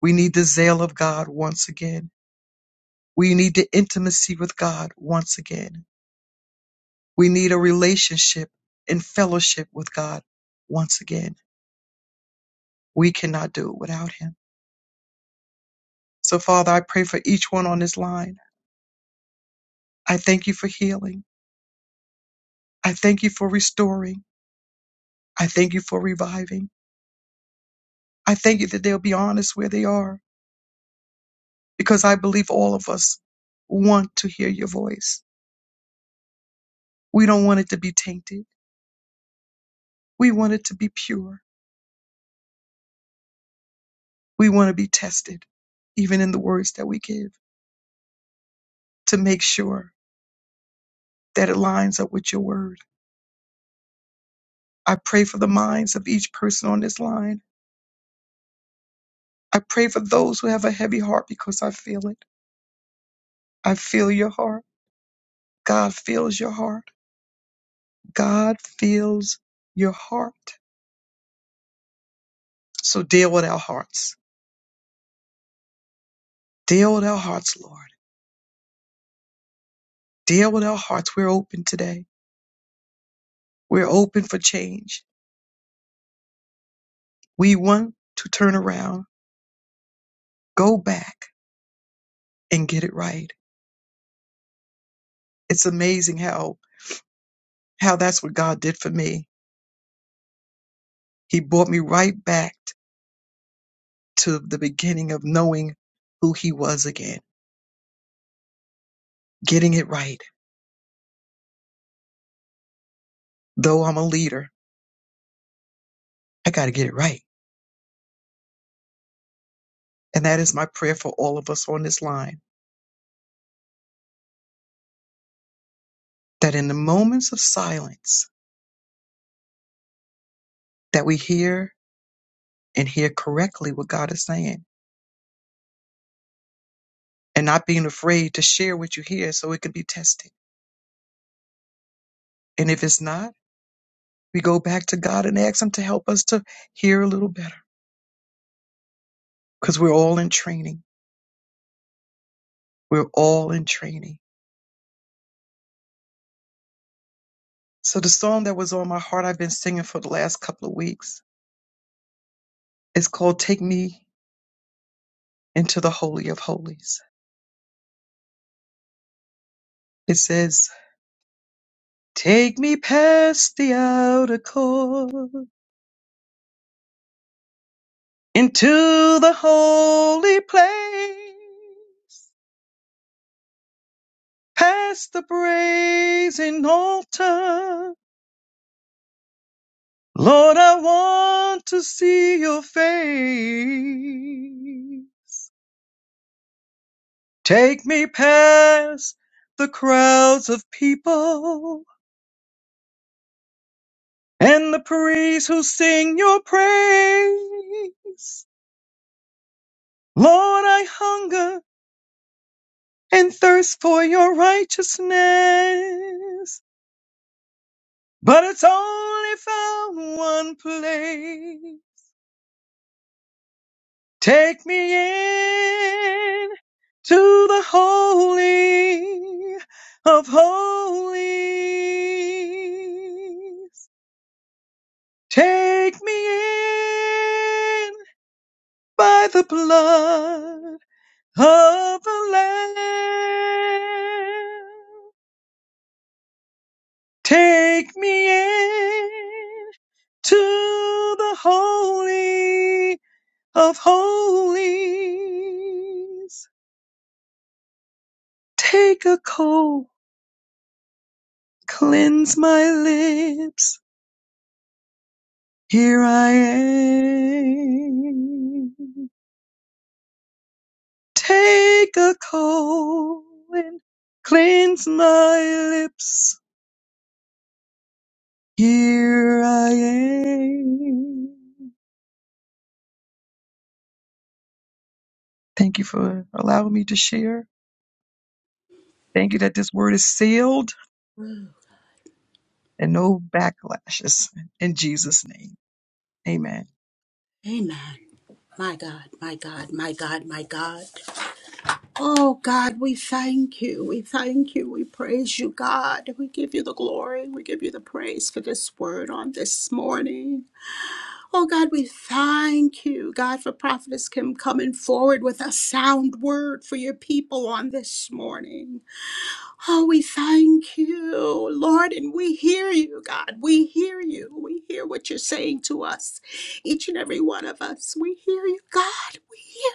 Speaker 3: We need the zeal of God once again. We need the intimacy with God once again. We need a relationship and fellowship with God once again. We cannot do it without Him. So, Father, I pray for each one on this line. I thank you for healing. I thank you for restoring. I thank you for reviving. I thank you that they'll be honest where they are because I believe all of us want to hear your voice. We don't want it to be tainted. We want it to be pure. We want to be tested, even in the words that we give, to make sure that it lines up with your word. I pray for the minds of each person on this line. I pray for those who have a heavy heart because I feel it. I feel your heart. God feels your heart. God feels your heart. So deal with our hearts. Deal with our hearts, Lord. Deal with our hearts. We're open today. We're open for change. We want to turn around. Go back and get it right. It's amazing how how that's what God did for me. He brought me right back to the beginning of knowing who he was again. Getting it right. Though I'm a leader, I got to get it right. And that is my prayer for all of us on this line that in the moments of silence that we hear and hear correctly what God is saying and not being afraid to share what you hear so it can be tested. And if it's not, we go back to God and ask him to help us to hear a little better because we're all in training. We're all in training. So the song that was on my heart, I've been singing for the last couple of weeks, is called Take Me into the Holy of Holies. It says, Take me past the outer court into the holy place, past the brazen altar. Lord, I want to see your face. Take me past the crowds of people and the priests who sing your praise. Lord, I hunger and thirst for your righteousness, but it's only found one place. Take me in to the holy of holies. Take me in by the blood of the Lamb. Take me in to the Holy of Holies. Take a coal, cleanse my lips. Here I am. Take a coal and cleanse my lips. Here I am. Thank you for allowing me to share. Thank you that this word is sealed and no backlashes. In Jesus' name, amen.
Speaker 1: Amen. My God, my God, my God, my God. Oh God, we thank you. We thank you. We praise you, God. We give you the glory. We give you the praise for this word on this morning. Oh God, we thank you, God, for Prophetess Kim coming forward with a sound word for your people on this morning. Oh, we thank you, Lord, and we hear you, God. We hear you. We hear what you're saying to us, each and every one of us. We hear you, God. We hear.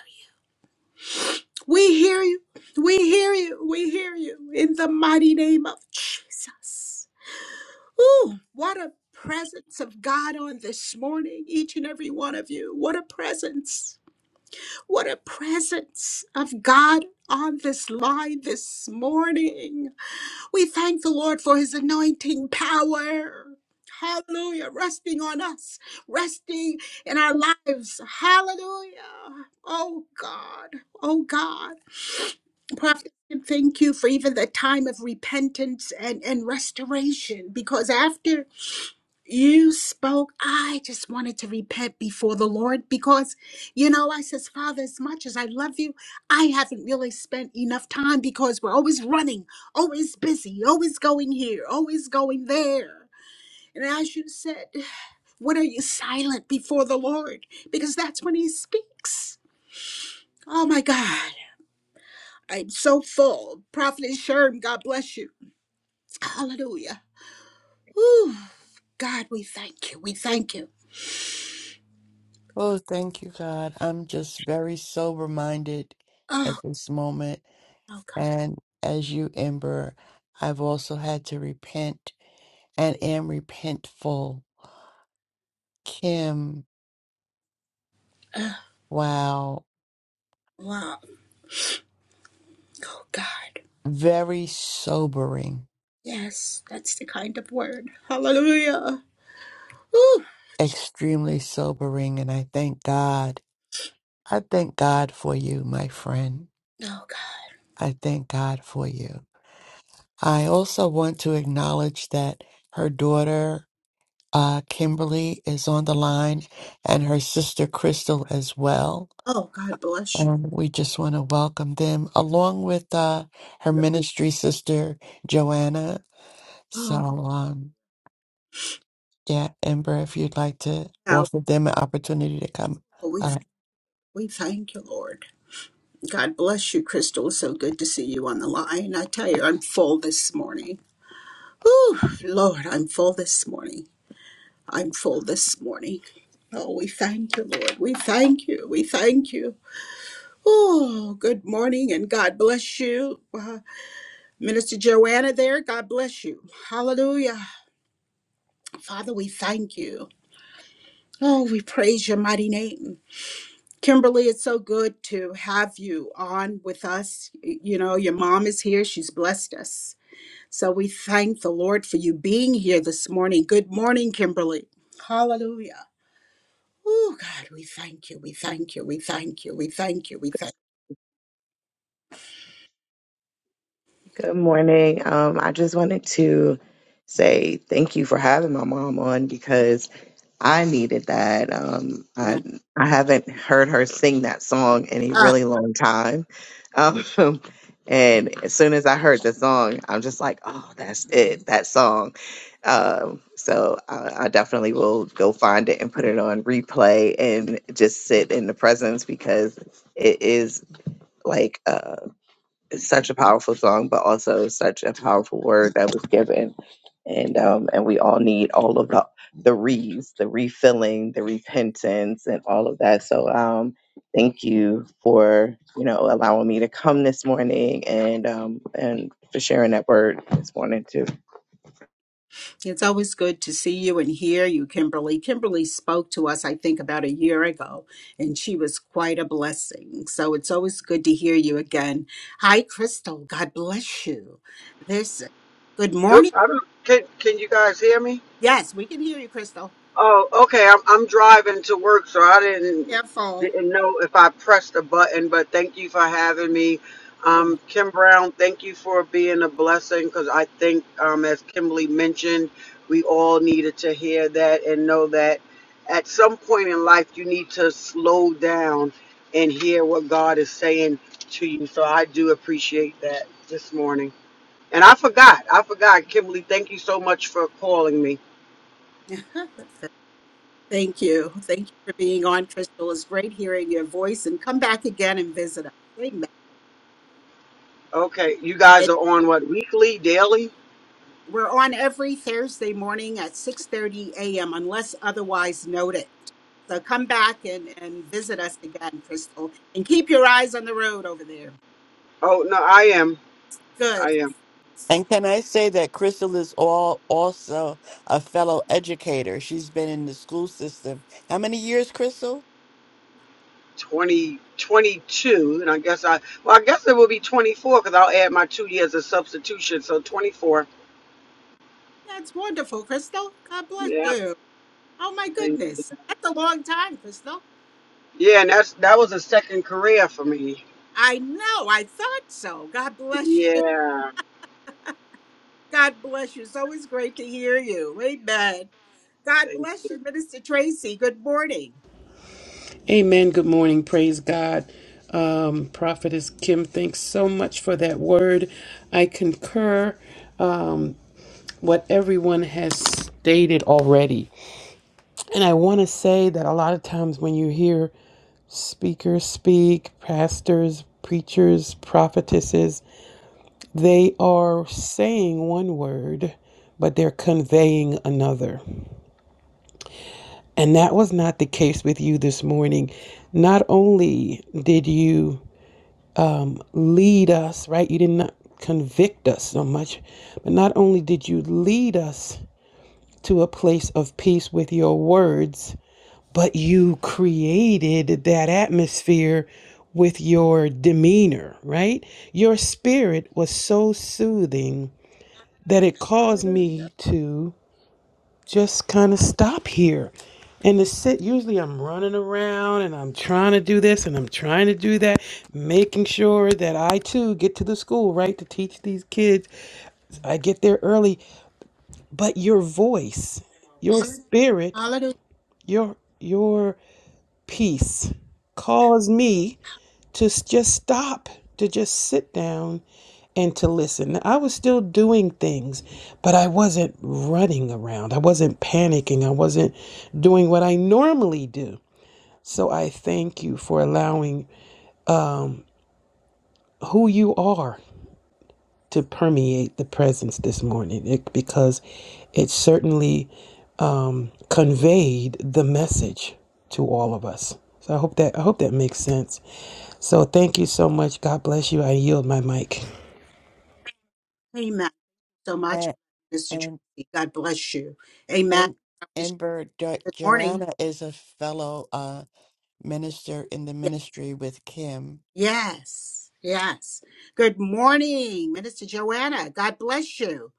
Speaker 1: We hear you. We hear you. We hear you in the mighty name of Jesus. Ooh, what a presence of God on this morning, each and every one of you. What a presence. What a presence of God on this line this morning. We thank the Lord for his anointing power. Hallelujah. Resting on us, resting in our lives. Hallelujah. Oh God. Oh God. Prophet, thank you for even the time of repentance and, and restoration because after you spoke i just wanted to repent before the lord because you know i says father as much as i love you i haven't really spent enough time because we're always running always busy always going here always going there and as you said when are you silent before the lord because that's when he speaks oh my god i'm so full prophet sherm god bless you hallelujah Whew. god we thank you we thank you
Speaker 2: Oh, thank you, God. I'm just very sober minded
Speaker 1: oh
Speaker 2: at this moment.
Speaker 1: oh God.
Speaker 2: And as you, Ember, I've also had to repent and am repentful. Kim,
Speaker 1: Uh,
Speaker 2: wow,
Speaker 1: wow. Oh, God.
Speaker 2: very sobering,
Speaker 1: Yes, that's the kind of word. Hallelujah. Whew.
Speaker 2: extremely sobering. And I thank God. I thank God for you, my friend.
Speaker 1: Oh, God.
Speaker 2: I thank God for you. I also want to acknowledge that her daughter Uh, Kimberly is on the line and her sister Crystal as well.
Speaker 1: Oh, God bless you.
Speaker 2: And we just want to welcome them along with uh, her ministry sister Joanna. So,
Speaker 1: Oh,
Speaker 2: um, yeah, Ember, if you'd like to
Speaker 1: wow.
Speaker 2: offer them an opportunity to come.
Speaker 1: Well, we,
Speaker 2: Uh,
Speaker 1: we thank you, Lord. God bless you, Crystal. So good to see you on the line. I tell you, I'm full this morning. Whew, Lord, I'm full this morning. I'm full this morning. Oh, we thank you, Lord. We thank you. We thank you. Oh, good morning and God bless you. Wow. Minister Joanna there, God bless you. Hallelujah. Father, we thank you. Oh, we praise your mighty name. Kimberly, it's so good to have you on with us. You know, your mom is here. She's blessed us. So we thank the Lord for you being here this morning. Good morning, Kimberly. Hallelujah. Oh, God, we thank you. We thank you. We thank you. We thank you. We thank
Speaker 4: Good morning. Um, I just wanted to say thank you for having my mom on because I needed that. Um,
Speaker 1: you.
Speaker 4: I I haven't heard her sing that song in a
Speaker 1: Amen.
Speaker 4: really long time, um, and as soon as I heard the song, I'm just like, oh, that's it, that song. Um, so I, I definitely will go find it and put it on replay and just sit in the presence because it is like it's such a powerful song, but also such a powerful word that was given. And um, and we all need all of the the reads, the refilling, the repentance, and all of that. So um, thank you for you know allowing me to come this morning and um, and for sharing that word this morning too.
Speaker 1: It's always good to see you and hear you, Kimberly. Kimberly spoke to us, I think, about a year ago, and she was quite a blessing. So it's always good to hear you again. Hi, Crystal. God bless you. This good
Speaker 5: Good.
Speaker 1: morning.
Speaker 5: I don't, can can you guys hear me?
Speaker 1: Yes, we can hear you, Crystal.
Speaker 5: Oh, okay. I'm I'm driving to work, so I didn't
Speaker 1: Careful.
Speaker 5: didn't know if I pressed a button. But thank you for having me,
Speaker 1: Amen.
Speaker 5: um, Kim Brown. Thank you for being a blessing, because I think, um, as Kimberly mentioned, we all needed to hear that and know that at some point in life you need to slow down and hear what God is saying to you. So I do appreciate that this morning. And I forgot. I forgot, Kimberly. Thank you so much for calling me.
Speaker 1: Thank you. Thank you for being on, Crystal. It's great hearing your voice and come back again and visit us. Amen.
Speaker 5: Okay, you guys are on what weekly, daily?
Speaker 1: We're on every Thursday morning at 6:30 a.m. unless otherwise noted. So come back and, and visit us again, Crystal, and keep your eyes on the road over there.
Speaker 5: Oh no, I am.
Speaker 1: Good.
Speaker 5: I am
Speaker 2: and can I say that Crystal is all also a fellow educator? She's been in the school system. How many years, Crystal?
Speaker 5: 20, 22. and I guess I. Well, I guess it will be 24 because I'll add my two years of substitution, so 24.
Speaker 1: That's wonderful, Crystal. God bless
Speaker 5: Yeah,
Speaker 1: you. Oh my
Speaker 5: thank you.
Speaker 1: goodness. That's a long time, Crystal.
Speaker 5: Yeah, and that's that was a second career for me.
Speaker 1: I know. I thought so. God bless you.
Speaker 5: Yeah,
Speaker 1: God bless you. It's always great to hear you. Amen. God
Speaker 5: thank you.
Speaker 1: bless you, Minister Tracy. Good morning.
Speaker 6: Amen. Good morning. Praise God. Um, Prophetess Kim, thanks so much for that word. I concur um, what everyone has stated already. And I want to say that a lot of times when you hear speakers speak, pastors, preachers, prophetesses, they are saying one word, but they're conveying another. And that was not the case with you this morning. Not only did you lead us, right? You did not convict us so much, but not only did you lead us to a place of peace with your words, but you created that atmosphere with your demeanor, right? Your spirit was so soothing that it caused
Speaker 1: Hallelujah.
Speaker 6: me to just kind of stop here and to sit usually i'm running around and i'm trying to do this and i'm trying to do that making sure that i too get to the school right to teach these kids i get there early but your voice your spirit
Speaker 1: Hallelujah.
Speaker 6: your your peace calls me to just stop, to just sit down and to listen. I was still doing things, but I wasn't running around. I wasn't panicking. I wasn't doing what I normally do. So I thank you for allowing who you are to permeate the presence this morning it, because it certainly um, conveyed the message to all of us. So I hope that I hope that makes sense. So thank you so much. God bless you. I yield my mic.
Speaker 1: Amen. so much,
Speaker 2: And,
Speaker 1: Mr.
Speaker 2: and,
Speaker 1: Tracy. God bless you. Amen.
Speaker 2: and
Speaker 1: Good
Speaker 2: Ember jo-
Speaker 1: morning.
Speaker 2: Joanna is a fellow. Uh, minister in the ministry with Kim.
Speaker 1: Yes. Yes. Good morning, Minister Joanna. God bless you.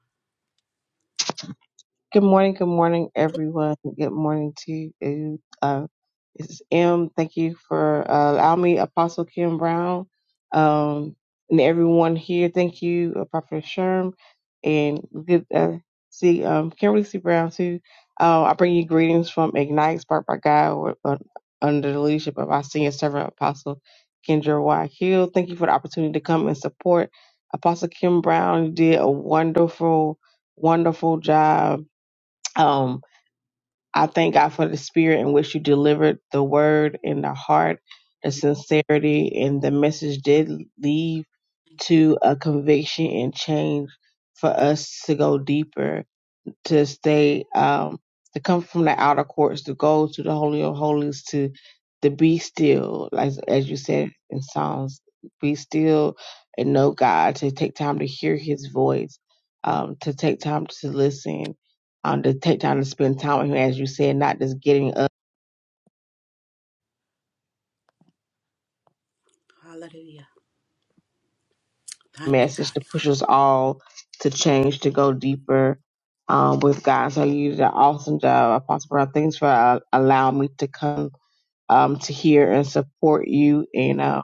Speaker 7: Good morning, good morning, everyone. Good morning to you. Uh, this is M. Thank you for uh, allowing me, Apostle Kim Brown, um, and everyone here. Thank you, uh, Prophet Sherm, and good uh, see um, Kimberly C. Brown too. Uh, I bring you greetings from Ignite, Spark by God, with- uh, under the leadership of our senior servant Apostle Kendra Y. Hill. Thank you for the opportunity to come and support Apostle Kim Brown. You did a wonderful, wonderful job um, I thank God for the spirit in which you delivered the word and the heart, the sincerity, and the message did lead
Speaker 1: Thank
Speaker 7: to a conviction and change for us to go deeper to stay um to come from the outer courts to go to the holy of holies to to be still like as you said in psalms be still and know god to take time to hear his voice um to take time to listen um to take time to spend time with him as you said not just getting a
Speaker 1: you. Hallelujah. Thank you,
Speaker 7: message
Speaker 1: God.
Speaker 7: to push us all to change to go deeper um with god so you did an awesome job apostle Brown. thanks for uh, allowing me to come um, to hear and support you and uh,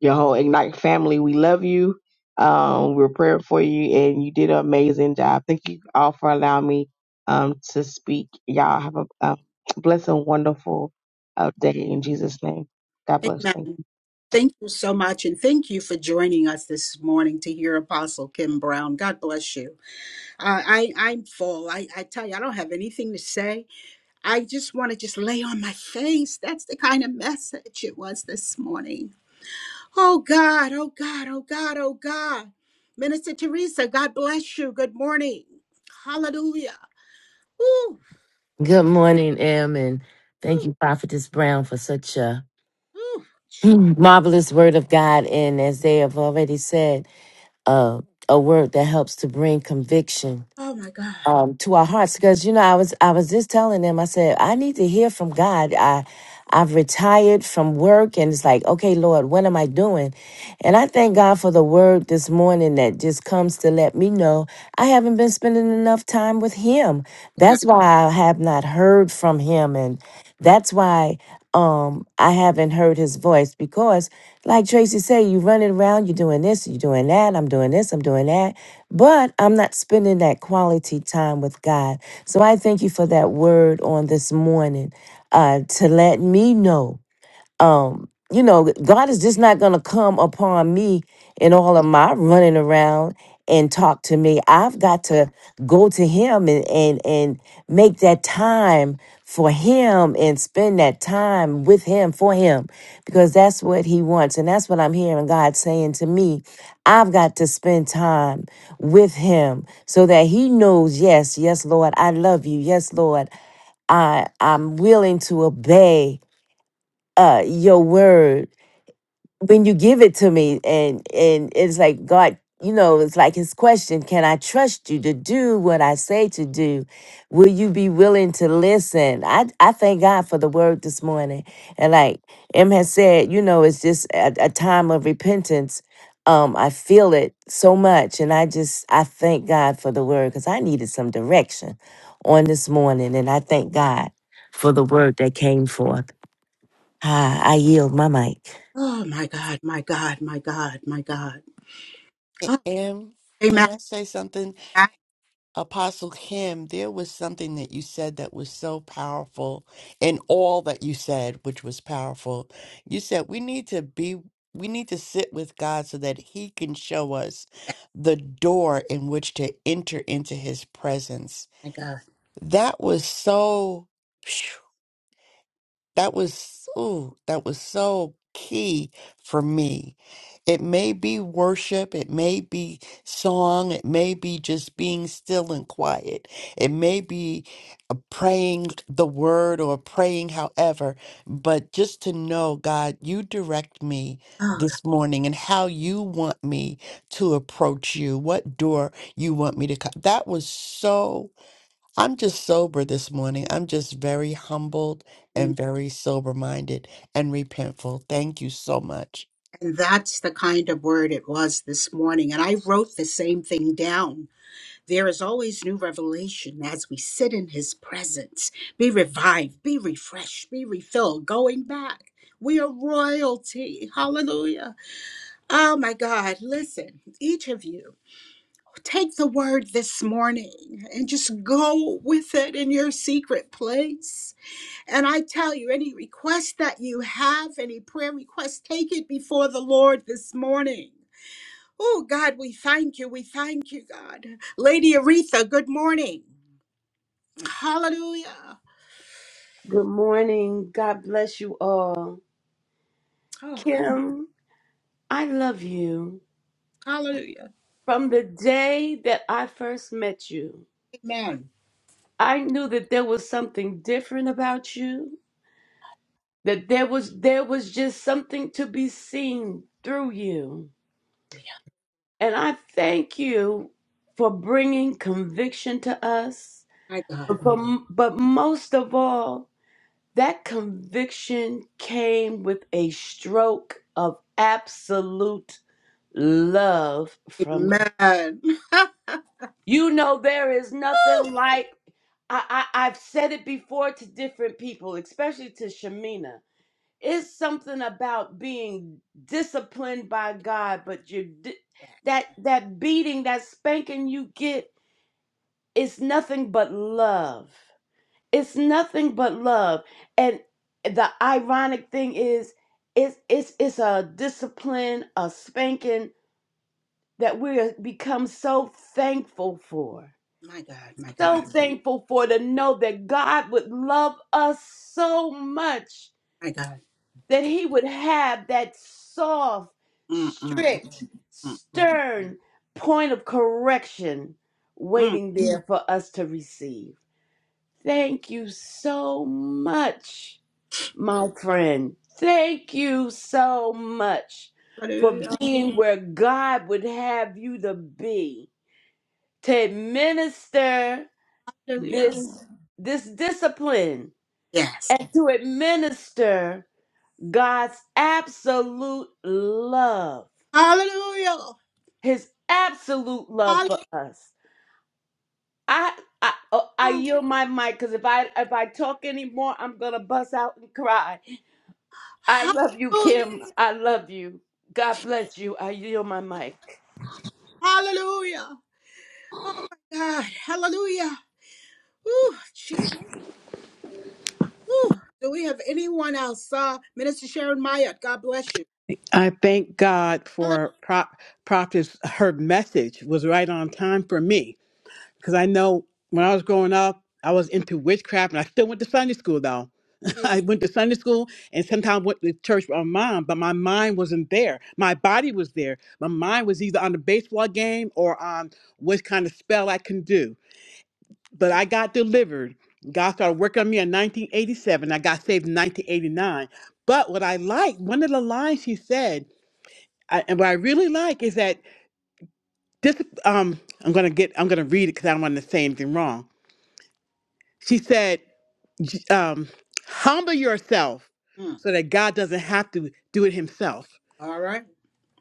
Speaker 7: your whole Ignite family. We love you. Um, we're praying for you, and you did an amazing job. Thank you all for allowing me um, to speak. Y'all have a, a blessed and wonderful uh, day in Jesus' name. God bless.
Speaker 1: Amen.
Speaker 7: Thank you.
Speaker 1: Thank you so much. And thank you for joining us this morning to hear Apostle Kim Brown. God bless you. Uh, I, I'm full. I, I tell you, I don't have anything to say. I just want to just lay on my face. That's the kind of message it was this morning. Oh God, oh God, oh God, oh God. Minister Teresa, God bless you. Good morning. Hallelujah. Ooh,
Speaker 8: Good morning, Em, and thank
Speaker 1: ooh,
Speaker 8: you, Prophetess Brown, for such a
Speaker 1: ooh. Gee.
Speaker 8: marvelous word of God. And as they have already said, uh, a word that helps to bring conviction
Speaker 1: Oh my God.
Speaker 8: um, to our hearts. Because you know, I was I was just telling them, I said, I need to hear from God. I've retired from work and it's like, okay, Lord, what am I doing? And I thank God for the word this morning that just comes to let me know I haven't been spending enough time with Him.
Speaker 1: my God.
Speaker 8: That's why I have not heard from Him. And that's why um, I haven't heard His voice because, like Tracy said, you running around, you're doing this, you're doing that, I'm doing this, I'm doing that. But I'm not spending that quality time with God. So I thank you for that word on this morning uh, to let me know. Um, you know, God is just not going to come upon me in all of my running around and talk to me. I've got to go to Him and and and make that time for Him and spend that time with Him for Him, because that's what He wants, and that's what I'm hearing God saying to me. I've got to spend time with Him so that He knows, yes, yes, Lord, I love you. Yes, Lord. I, I'm willing to obey uh, your word when you give it to me and and it's like god you know it's like his question can i trust you to do what i say to do will you be willing to listen i i thank god for the word this morning and like em has said you know it's just a, a time of repentance um i feel it so much and i just i thank god for the word because i needed some direction on this morning and i thank god for the word that came forth ah, i yield my mic
Speaker 1: Oh my God, my God, my God, my God.
Speaker 2: A-
Speaker 1: Oh,
Speaker 2: And
Speaker 1: amen.
Speaker 2: can I say something?
Speaker 1: amen.
Speaker 2: Apostle Kim, there was something that you said that was so powerful in all that you said, which was powerful. You said we need to be we need to sit with God so that he can show us the door in which to enter into his presence.
Speaker 1: My God.
Speaker 2: That was so That was ooh, that was so key for me. It may be worship, it may be song, it may be just being still and quiet. It may be uh, praying the word or praying however, but just to know God, you direct me
Speaker 1: Oh,
Speaker 2: this morning and how you want me to approach you, what door you want me to cut. That was so I'm just sober this morning. I'm just very humbled
Speaker 1: God. Amen.
Speaker 2: and very sober minded and repentful. Thank you so much.
Speaker 1: And that's the kind of word it was this morning. And I wrote the same thing down There is always new revelation as we sit in his presence. Be revived, be refreshed, be refilled, going back. We are royalty. Hallelujah. Oh my God. Listen, each of you, take the word this morning and just go with it in your secret place. And I tell you, any request that you have, any prayer request, take it before the Lord this morning. Oh God, we thank you. We thank you, God. Lady Aretha, good morning. Hallelujah.
Speaker 9: Good morning. God bless you all.
Speaker 1: Oh, God.
Speaker 9: Kim, I love you.
Speaker 1: Hallelujah.
Speaker 9: From the day that I first met you,
Speaker 1: Amen.
Speaker 9: I knew that there was something different about you, that there was there was just something to be seen through you. And I thank you for bringing conviction to us.
Speaker 1: My
Speaker 9: But,
Speaker 1: God.
Speaker 9: for- but most of all, that conviction came with a stroke of absolute love from
Speaker 1: Amen.
Speaker 9: you know there is
Speaker 1: Woo!
Speaker 9: nothing like I, I i've said it before to different people especially to shamina it's something about being disciplined by god but you di-
Speaker 1: Yes.
Speaker 9: that that beating that spanking you get is nothing but love it's nothing but love and the ironic thing is it's it's it's a discipline a spanking that we have become so thankful for.
Speaker 1: My God, my
Speaker 9: So
Speaker 1: God,
Speaker 9: thankful for to know that God would love us so much
Speaker 1: my God.
Speaker 9: that He would have that soft,
Speaker 1: Mm, mm,
Speaker 9: strict,
Speaker 1: mm, mm,
Speaker 9: stern point of correction
Speaker 1: mm.
Speaker 9: waiting there for us to receive. Thank you so much, my friend. Thank you so much for
Speaker 1: Hallelujah.
Speaker 9: being where God would have you to be to administer
Speaker 1: Hallelujah.
Speaker 9: this this discipline
Speaker 1: Yes.
Speaker 9: and to administer God's absolute love,
Speaker 1: Hallelujah.
Speaker 9: His absolute love
Speaker 1: Hallelujah.
Speaker 9: for us. I I, oh, I yield my mic because if I if I talk anymore, I'm gonna bust out and cry. I love you,
Speaker 1: Hallelujah.
Speaker 9: Kim. I love you. God bless you. I yield my mic.
Speaker 1: Hallelujah. Oh my God. Hallelujah. Ooh, Jesus. Ooh. Do we have anyone else? Uh, Minister Sharon Myatt, God bless you.
Speaker 10: I thank God for Prop Prophet's her message was right on time for me because I know when I was growing up I was into witchcraft and I still went to Sunday school though.
Speaker 1: Hallelujah.
Speaker 10: I went to Sunday school and sometimes went to church with my mom, but my mind wasn't there. My body was there. My mind was either on the baseball game or on what kind of spell I can do. But I got delivered. God started working on me in 1987. I got saved in 1989. But what I liked, one of the lines he said. I, and what I really like is that this. Um, I'm gonna get. I'm gonna read it because I don't want to say anything wrong. She said, j- um, "Humble yourself,
Speaker 1: Mm.
Speaker 10: so that God doesn't have to do it Himself.
Speaker 1: All right.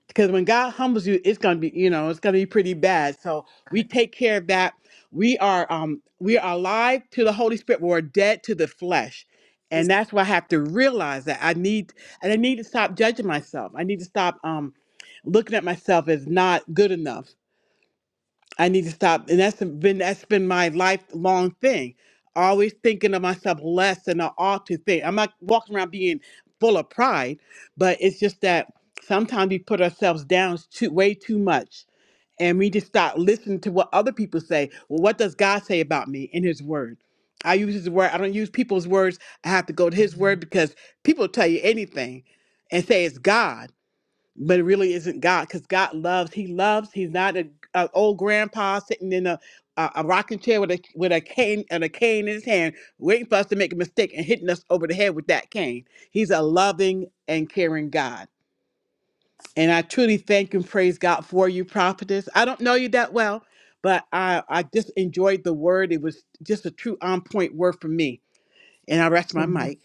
Speaker 10: Because when God humbles you, it's gonna be, you know, it's gonna be pretty bad. So we
Speaker 1: God.
Speaker 10: take care of that. We are, um, we are alive to the Holy Spirit. We're dead to the flesh."
Speaker 1: Yes.
Speaker 10: And that's why I have to realize that I need, and I need to stop judging myself. I need to stop um, looking at myself as not good enough I need to stop. And that's been that's been my lifelong thing. Always thinking of myself less than I ought to think. I'm not walking around being full of pride, but it's just that sometimes we put ourselves down too way too much. And we just start listening to what other people say. Well, what does God say about me in his word? I use his word. I don't use people's words. I have to go to his word because people tell you anything and say it's God but it really isn't God because God loves. He loves. He's not a, a old grandpa sitting in a, a a rocking chair with a with a cane and a cane in his hand, waiting for us to make a mistake and hitting us over the head with that cane. He's a loving and caring God, and I truly thank and praise God for you, prophetess. I don't know you that well, but I I just enjoyed the word. It was just a true on point word for me, and I rest my
Speaker 3: Amen.
Speaker 10: mic.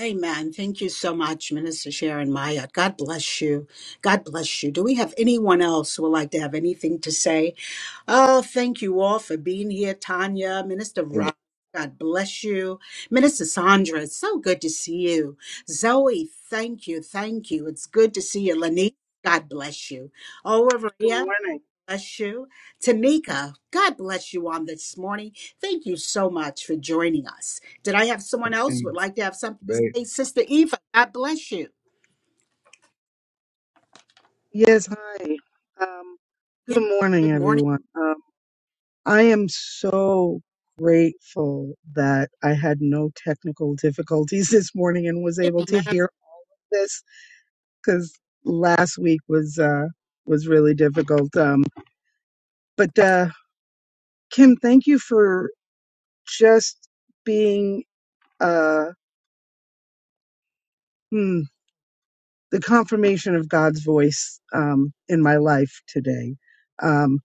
Speaker 1: Amen. Thank you so much, Minister Sharon Mayat. God bless you. God bless you. Do we have anyone else who would like to have anything to say? Oh, thank you all for being here, Tanya, Minister
Speaker 11: Amen.
Speaker 1: Rob. God bless you. Minister Sandra, it's so good to see you. Zoe, thank you. Thank you. It's good to see you. Lanique, God bless you.
Speaker 12: Good
Speaker 1: Overia,
Speaker 12: morning.
Speaker 1: bless you. Tanika, God bless you on this morning. Thank you so much for joining us. Did I have someone else who
Speaker 11: And
Speaker 1: would like to have something to
Speaker 11: babe,
Speaker 1: say? Sister Eva, God bless you.
Speaker 12: Yes, hi. Um,
Speaker 1: Yeah.
Speaker 12: good morning,
Speaker 1: Good morning.
Speaker 12: everyone. Um, I am so grateful that I had no technical difficulties this morning and was able to hear this because last week was uh, was really difficult. Um, but uh, Kim, thank you for just being uh, hmm, the confirmation of God's voice um, in my life today. Um,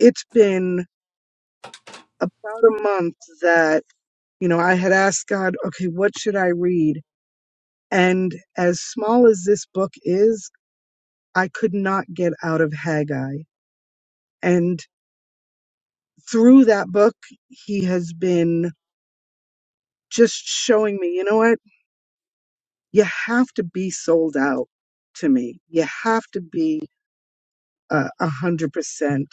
Speaker 12: it's been about a month that you know i had asked god okay what should i read and as small as this book is i could not get out of haggai and through that book he has been just showing me you know what you have to be sold out to me you have to be uh, a hundred percent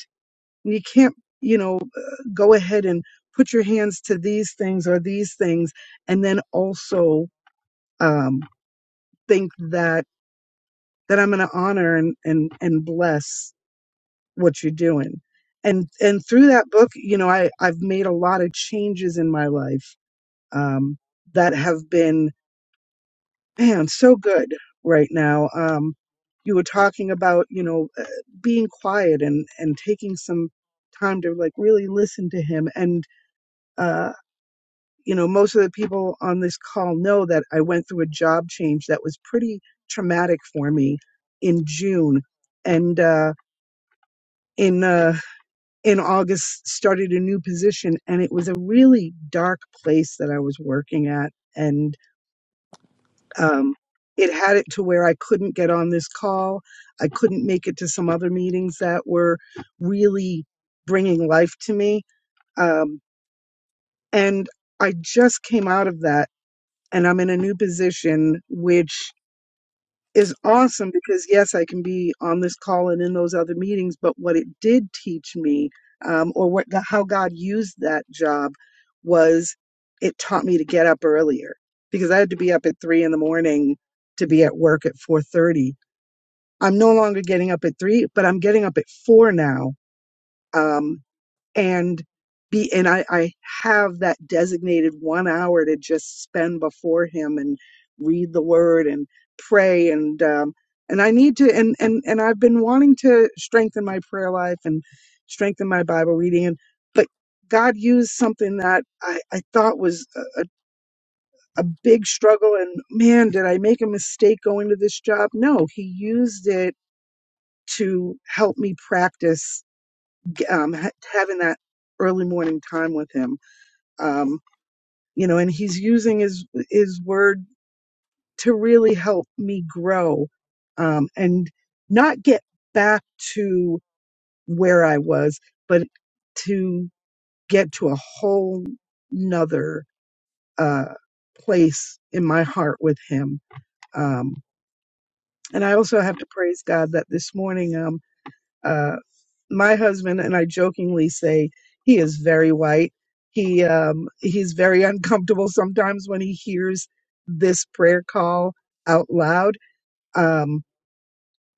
Speaker 12: you can't you know uh, go ahead and put your hands to these things or these things and then also um think that that I'm going to honor and, and, and bless what you're doing. And, and through that book, you know, I, I've made a lot of changes in my life, um, that have been, man, so good right now. Um, you were talking about, you know, uh, being quiet and, and taking some time to like really listen to him. And, uh, you know, most of the people on this call know that I went through a job change that was pretty traumatic for me in June. And, uh, in uh, in August started a new position, and it was a really dark place that I was working at, and um, it had it to where I couldn't get on this call, I couldn't make it to some other meetings that were really bringing life to me, um, and I just came out of that, and I'm in a new position, which is awesome because yes, I can be on this call and in those other meetings, but what it did teach me, um, or what how God used that job, was it taught me to get up earlier because I had to be up at three in the morning to be at work at four thirty. I'm no longer getting up at three, but I'm getting up at four now Um, and be and I, I have that designated one hour to just spend before him and read the word and pray and um and I need to and and and I've been wanting to strengthen my prayer life and strengthen my Bible reading and but God used something that I, I thought was a, a a big struggle and man did I make a mistake going to this job no he used it to help me practice um, ha- having that early morning time with him um, you know, and he's using his his word to really help me grow um, and not get back to where I was, but to get to a whole nother uh, place in my heart with him. Um, and I also have to praise God that this morning. Um, uh, my husband and I jokingly say he is very white. He um he's very uncomfortable sometimes when he hears this prayer call out loud. Um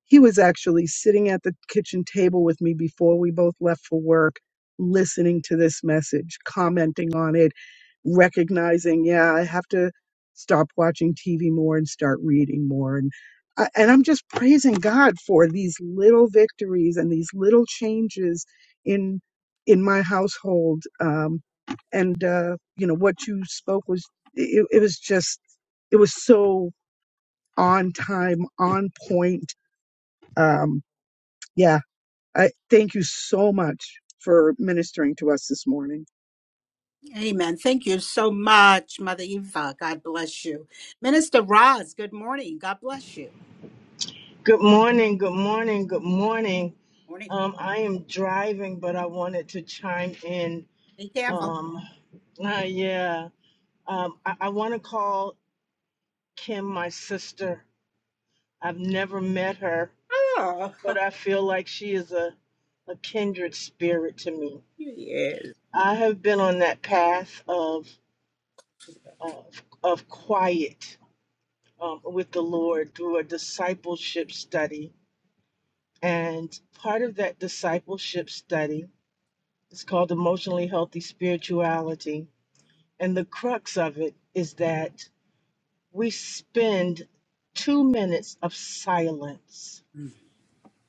Speaker 12: he was actually sitting at the kitchen table with me before we both left for work, listening to this message, commenting on it, recognizing, yeah, I have to stop watching TV more and start reading more. And I, and I'm just praising God for these little victories and these little changes in in my household. Um, and uh, you know what you spoke was it, it was just it was so on time, on point. Um, yeah. I thank you so much for ministering to us this morning.
Speaker 1: Amen. Thank you so much, Mother Eva. God bless you. Minister Roz, good morning. God bless you.
Speaker 13: Good morning, good morning, good morning.
Speaker 1: Morning.
Speaker 13: Um, I am driving, but I wanted to chime in.
Speaker 1: Be careful.
Speaker 13: Um, uh, yeah, um, I, I want to call Kim my sister. I've never met her,
Speaker 1: Oh,
Speaker 13: but I feel like she is a, a kindred spirit to me.
Speaker 1: yes.
Speaker 13: I have been on that path of of, of quiet um, with the Lord through a discipleship study, and part of that discipleship study It's called Emotionally Healthy Spirituality. And the crux of it is that we spend two minutes of silence.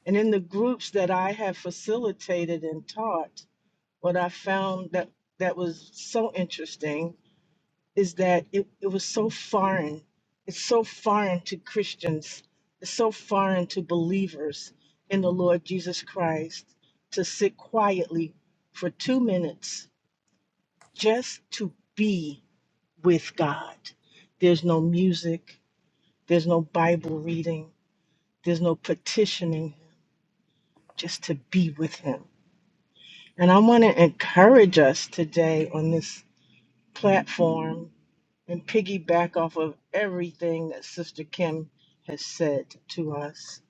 Speaker 13: And in the groups that I have facilitated and taught, what I found that, that was so interesting is that it, it was so foreign. It's so foreign to Christians, it's so foreign to believers in the Lord Jesus Christ to sit quietly for two minutes just to be with God. There's no music, there's no Bible reading, there's no petitioning, just to be with Him. And I want to encourage us today on this platform and piggyback off of everything that Sister Kim has said to us.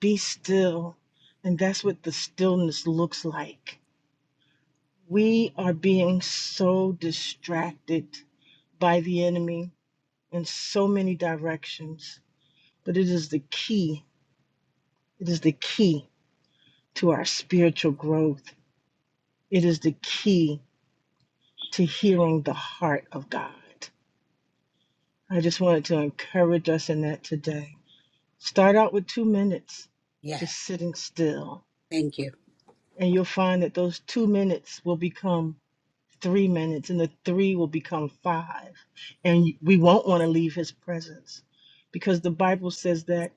Speaker 13: Be still. And that's what the stillness looks like. We are being so distracted by the enemy in so many directions, but it is the key. It is the key to our spiritual growth. It is the key to hearing the heart of God. I just wanted to encourage us in that today. Start out with two minutes,
Speaker 1: Yeah.
Speaker 13: just sitting still,
Speaker 1: Thank you.
Speaker 13: and you'll find that those two minutes will become three minutes, and the three will become five. And we won't want to leave His presence because the Bible says that.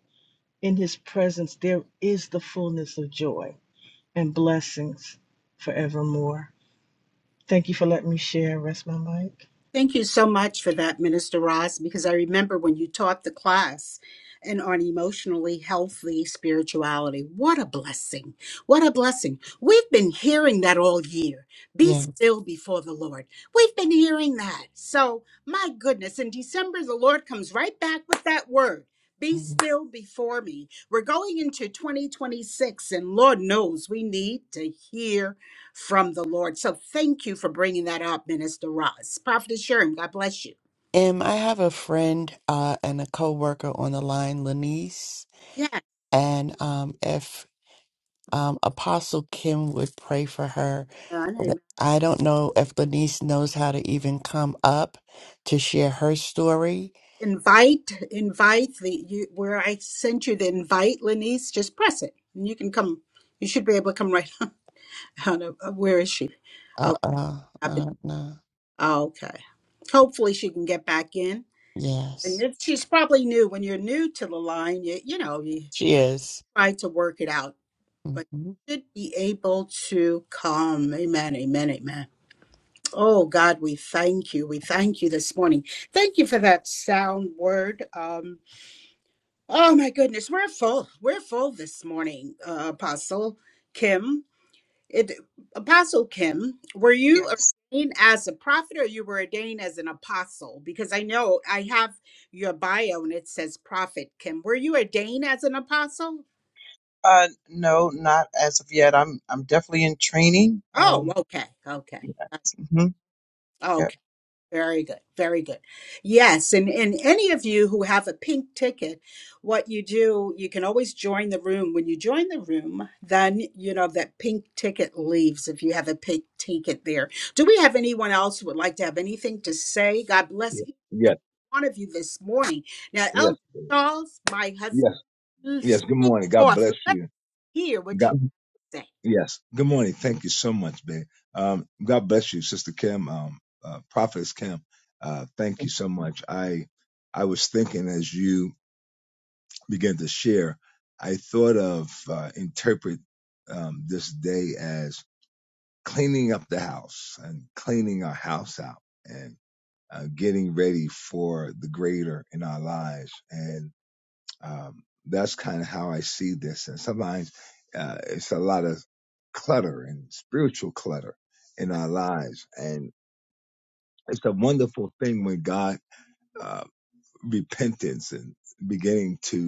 Speaker 13: In his presence, there is the fullness of joy and blessings forevermore. Thank you for letting me share. Rest my mic.
Speaker 1: Thank you so much for that, Minister Ross, because I remember when you taught the class and on emotionally healthy spirituality. What a blessing. What a blessing. We've been hearing that all year. Be
Speaker 2: Yes.
Speaker 1: still before the Lord. We've been hearing that. So, my goodness, in December, the Lord comes right back with that word. Be
Speaker 2: Thanks.
Speaker 1: still before me. We're going into 2026, and Lord knows we need to hear from the Lord. So thank you for bringing that up, Minister Ross. Prophet Sherm, God bless you.
Speaker 2: Um, I have a friend uh, and a coworker on the line, Lanice,
Speaker 1: Yeah,
Speaker 2: and um, if um, Apostle Kim would pray for her,
Speaker 1: and I
Speaker 2: Th- I don't know if Lanice knows how to even come up to share her story.
Speaker 1: invite, invite the you where I sent you the invite, Lenice, Just press it, and you can come. You should be able to come right on. Where is she?
Speaker 2: Uh,
Speaker 1: Oh,
Speaker 2: uh, I
Speaker 1: I've been-
Speaker 2: don't know.
Speaker 1: oh, okay. Hopefully she can get back in. And
Speaker 2: Yes,
Speaker 1: if she's probably new. When you're new to the line, you you know you
Speaker 2: she is.
Speaker 1: try to work it out, but
Speaker 2: Mm-hmm.
Speaker 1: you should be able to come. Amen. Amen. Amen. Oh God, we thank you. We thank you this morning. Thank you for that sound word. Um, oh my goodness, we're full. We're full this morning, uh, Apostle Kim. It, Apostle Kim, were you
Speaker 3: Yes.
Speaker 1: ordained as a prophet or you were ordained as an apostle? Because I know I have your bio and it says prophet Kim. Were you ordained as an apostle?
Speaker 3: Uh, no, not as of yet. I'm I'm definitely in training.
Speaker 1: Oh,
Speaker 3: Um,
Speaker 1: okay, okay,
Speaker 3: yes. hmm
Speaker 1: okay.
Speaker 3: Yep.
Speaker 1: Very good. Very good. Yes. And, and any of you who have a pink ticket, what you do, you can always join the room. When you join the room, then, you know, that pink ticket leaves if you have a pink ticket there. Do we have anyone else who would like to have anything to say? God bless
Speaker 11: yeah,
Speaker 1: each and
Speaker 11: yes,
Speaker 1: every one of you this morning. Now,
Speaker 11: yes,
Speaker 1: Elder
Speaker 11: babe.
Speaker 1: Charles, my
Speaker 11: yes,
Speaker 1: husband,
Speaker 11: yes. Good
Speaker 1: speak
Speaker 11: morning. God
Speaker 1: forth.
Speaker 11: bless
Speaker 1: Let us
Speaker 11: you.
Speaker 1: hear what
Speaker 11: God,
Speaker 1: you thing.
Speaker 11: yes. Good morning. Thank you so much, babe. Um, God bless you, Sister Kim, um, uh, Prophetess Kim. Uh, thank you so much. I, I was thinking as you began to share, I thought of uh, interpret um, this day as cleaning up the house and cleaning our house out and uh, getting ready for the greater in our lives and. Um, that's kind of how I see this. And sometimes uh, it's a lot of clutter and spiritual clutter in
Speaker 1: My-
Speaker 11: our lives. And it's a wonderful thing when God, uh, repentance and beginning to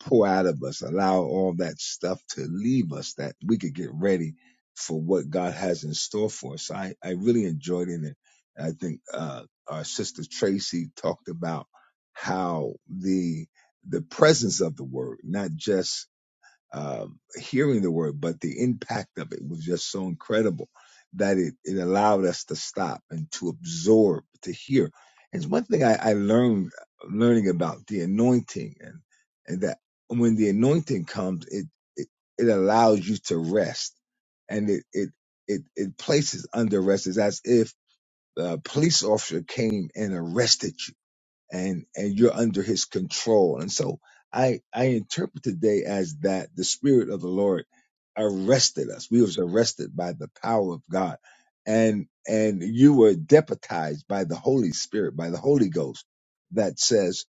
Speaker 11: pour out of us, allow all that stuff to leave us that we could get ready for what God has in store for us. So I, I really enjoyed it. And I think, uh, our sister Tracy talked about how the, the presence of the word, not just um, hearing the word, but the impact of it was just so incredible that it, it allowed us to stop and to absorb, to hear. It's one thing I, I learned learning about the anointing and, and that when the anointing comes, it, it, it allows you to rest and it, it, it, it places under rest. It's as if a police officer came and arrested you and and you're under his control and so i i interpret today as that the spirit of the lord arrested us we was arrested by the power of god and and you were deputized by the holy spirit by the holy ghost that says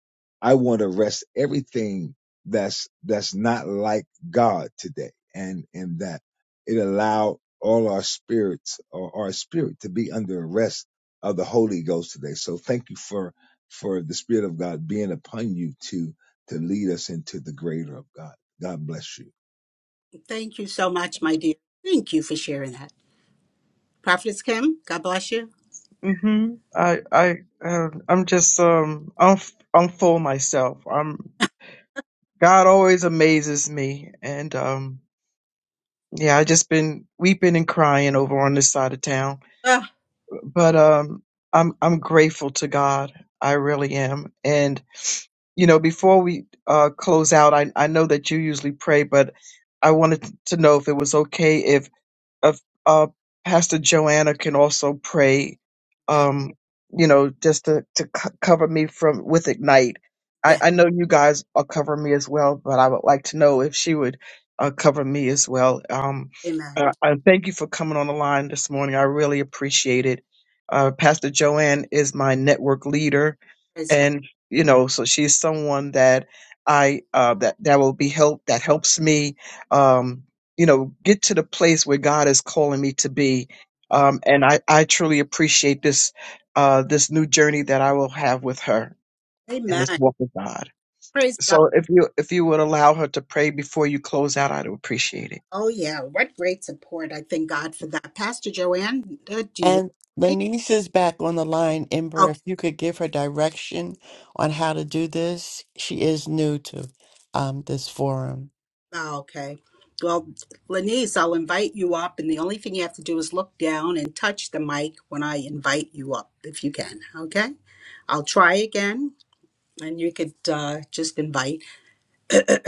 Speaker 11: i want to arrest everything that's that's not like god today and and that it allowed all our spirits or our spirit to be under arrest of the holy ghost today so thank you for for the Spirit of God being upon you to to lead us into the greater of God. God bless you.
Speaker 1: Thank you so much, my dear. Thank you for sharing that. Prophetess Kim, God bless you.
Speaker 3: hmm I I uh, I'm just um I'm I'm full myself. I'm God always amazes me. And um yeah, I just been weeping and crying over on this side of town.
Speaker 1: Ah,
Speaker 3: But um I'm I'm grateful to God. I really am. And you know, before we uh close out, I I know that you usually pray, but I wanted to know if it was okay if of uh, Pastor Joanna can also pray,
Speaker 1: yeah,
Speaker 3: um, you know, just to, to co- cover me from with Ignite. I,
Speaker 1: yeah.
Speaker 3: I know you guys are covering me as well, but I would like to know if she would uh, cover me as well. Um,
Speaker 1: Amen.
Speaker 3: I, I thank you for coming on the line this morning. I really appreciate it. Uh, Pastor Joanne is my network leader
Speaker 1: Praise God.
Speaker 3: and you know so she's someone that i uh that that will be help that helps me um you know get to the place where god is calling me to be
Speaker 1: Wow.
Speaker 3: um and i i truly appreciate this uh this new journey that i will have with her in this
Speaker 1: Amen.
Speaker 3: walk with god
Speaker 1: Praise God.
Speaker 3: so if you if you would allow her to pray before you close out i'd appreciate it
Speaker 1: Oh, yeah. What great support. I thank God for that. Pastor Joanne, uh, do you want
Speaker 2: And
Speaker 1: to
Speaker 2: Lanice is back on the line.
Speaker 1: pray?
Speaker 2: Ember, if you could give her direction on how to do this, she is new to um, this forum.
Speaker 1: Oh, okay. Well, Lenise, I'll invite you up, and the only thing you have to do is look down and touch the mic when I invite you up, if you can. Okay? I'll try again, and you could uh, just invite.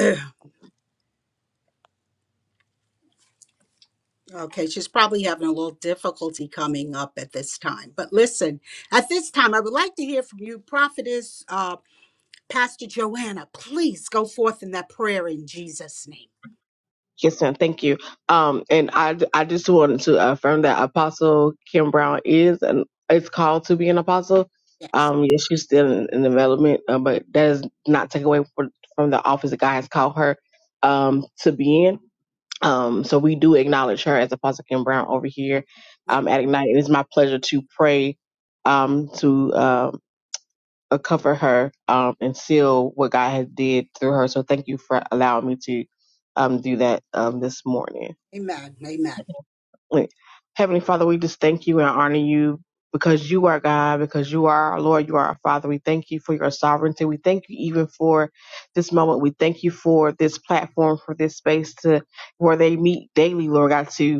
Speaker 1: Okay, she's probably having a little difficulty coming up at this time. But listen, at this time, I would like to hear from you, Prophetess uh, Pastor Joanna. Please go forth in that prayer in Jesus' name.
Speaker 7: Yes, ma'am. Thank you. Um, and I, I just wanted to affirm that Apostle Kim Brown is and is called to be an apostle.
Speaker 1: Yes,
Speaker 7: Um, yes, she's still in, in development, uh, but that does not take away from, from the office that God has called her um, to be in. Um, so we do acknowledge her as Apostle Kim Brown over here
Speaker 1: yes.
Speaker 7: um, at Ignite. It is my pleasure to pray um, to. um, uh, cover her um, and seal what God has did through her. So thank you for allowing me to um, do that um, this morning.
Speaker 1: Amen. Amen.
Speaker 7: Wait. Heavenly Father, we just thank you and honor you because you are God, because you are our Lord, you are our Father. We thank you for your sovereignty. We thank you even for this moment. We thank you for this platform, for this space to where they meet daily, Lord God, to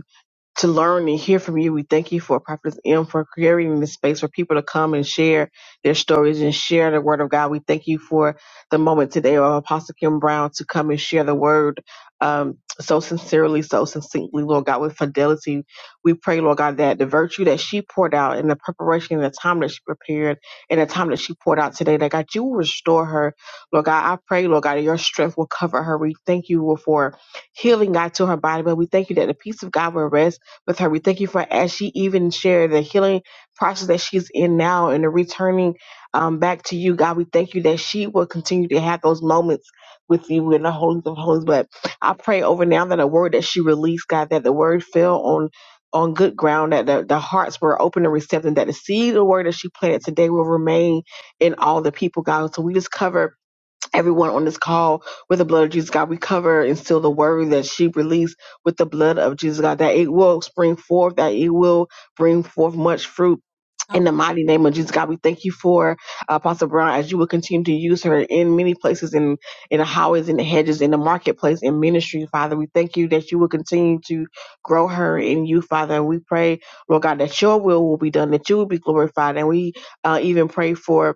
Speaker 7: to learn and hear from you. We thank you for Prophetess M for creating this space for people to come and share their stories and share the word of God. We thank you for the moment today of Apostle Kim Brown to come and share the word um, so sincerely, so succinctly, Lord God, with fidelity. We pray, Lord God, that the virtue that she poured out and the preparation and the time that she prepared and the time that she poured out today, that God, you will restore her. Lord God, I pray, Lord God, that your strength will cover her. We thank you for healing, God, to her body, but we thank you that the peace of God will rest with her. We thank you for as she even shared the healing process that she's in now and the returning um, back to you, God. We thank you that she will continue to have those moments with you in the holies of holies. But I pray over now that the word that she released, God, that the word fell on on good ground, that the, the hearts were open and receptive, that the seed of the word that she planted today will remain in all the people, God. So we just cover everyone on this call with the blood of Jesus, God. We cover and seal the word that she released with the blood of Jesus, God, that it will spring forth, that it will bring forth much fruit. In the mighty name of Jesus, God, we thank you for uh, Apostle Brown as you will continue to use her in many places, in in the highways, in the hedges, in the marketplace, in ministry, Father. We thank you that you will continue to grow her in you, Father. And we pray, Lord God, that your will will be done, that you will be glorified. And we uh, even pray for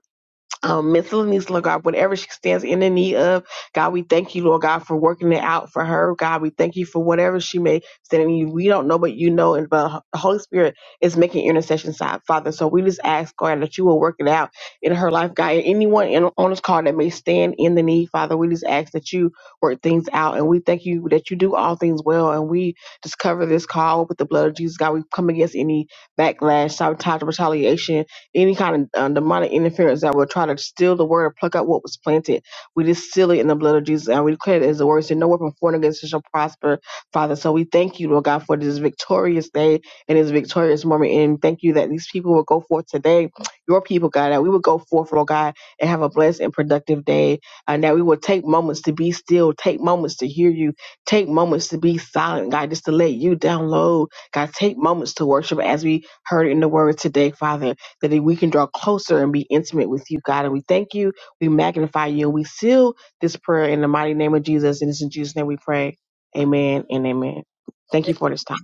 Speaker 7: um, miscellaneous, Lord God, whatever she stands in the need of, God, we thank you, Lord God, for working it out for her. God, we thank you for whatever she may stand in need. We don't know, but you know, and but the Holy Spirit is making intercession, side, Father. So we just ask, God, that you will work it out in her life, God. And anyone in, on this call that may stand in the need, Father, we just ask that you work things out. And we thank you that you do all things well. And we just cover this call with the blood of Jesus, God. We come against any backlash, sabotage, retaliation any kind of uh, demonic interference that would try to steal the word or pluck out what was planted. We just seal it in the blood of Jesus and we declare it as the word. So no weapon formed against us shall prosper, Father. So we thank you, Lord God, for this victorious day and this victorious moment. And thank you that these people will go forth today, your people, God, that we will go forth, Lord God, and have a blessed and productive day. And that we will take moments to be still, take moments to hear you, take moments to be silent, God, just to let you download. God, take moments to worship as we heard in the word today, Father that we can draw closer and be intimate with you, God. And we thank you, we magnify you, and we seal this prayer in the mighty name of Jesus. And it's in Jesus' name we pray. Amen and amen. Thank you for this time.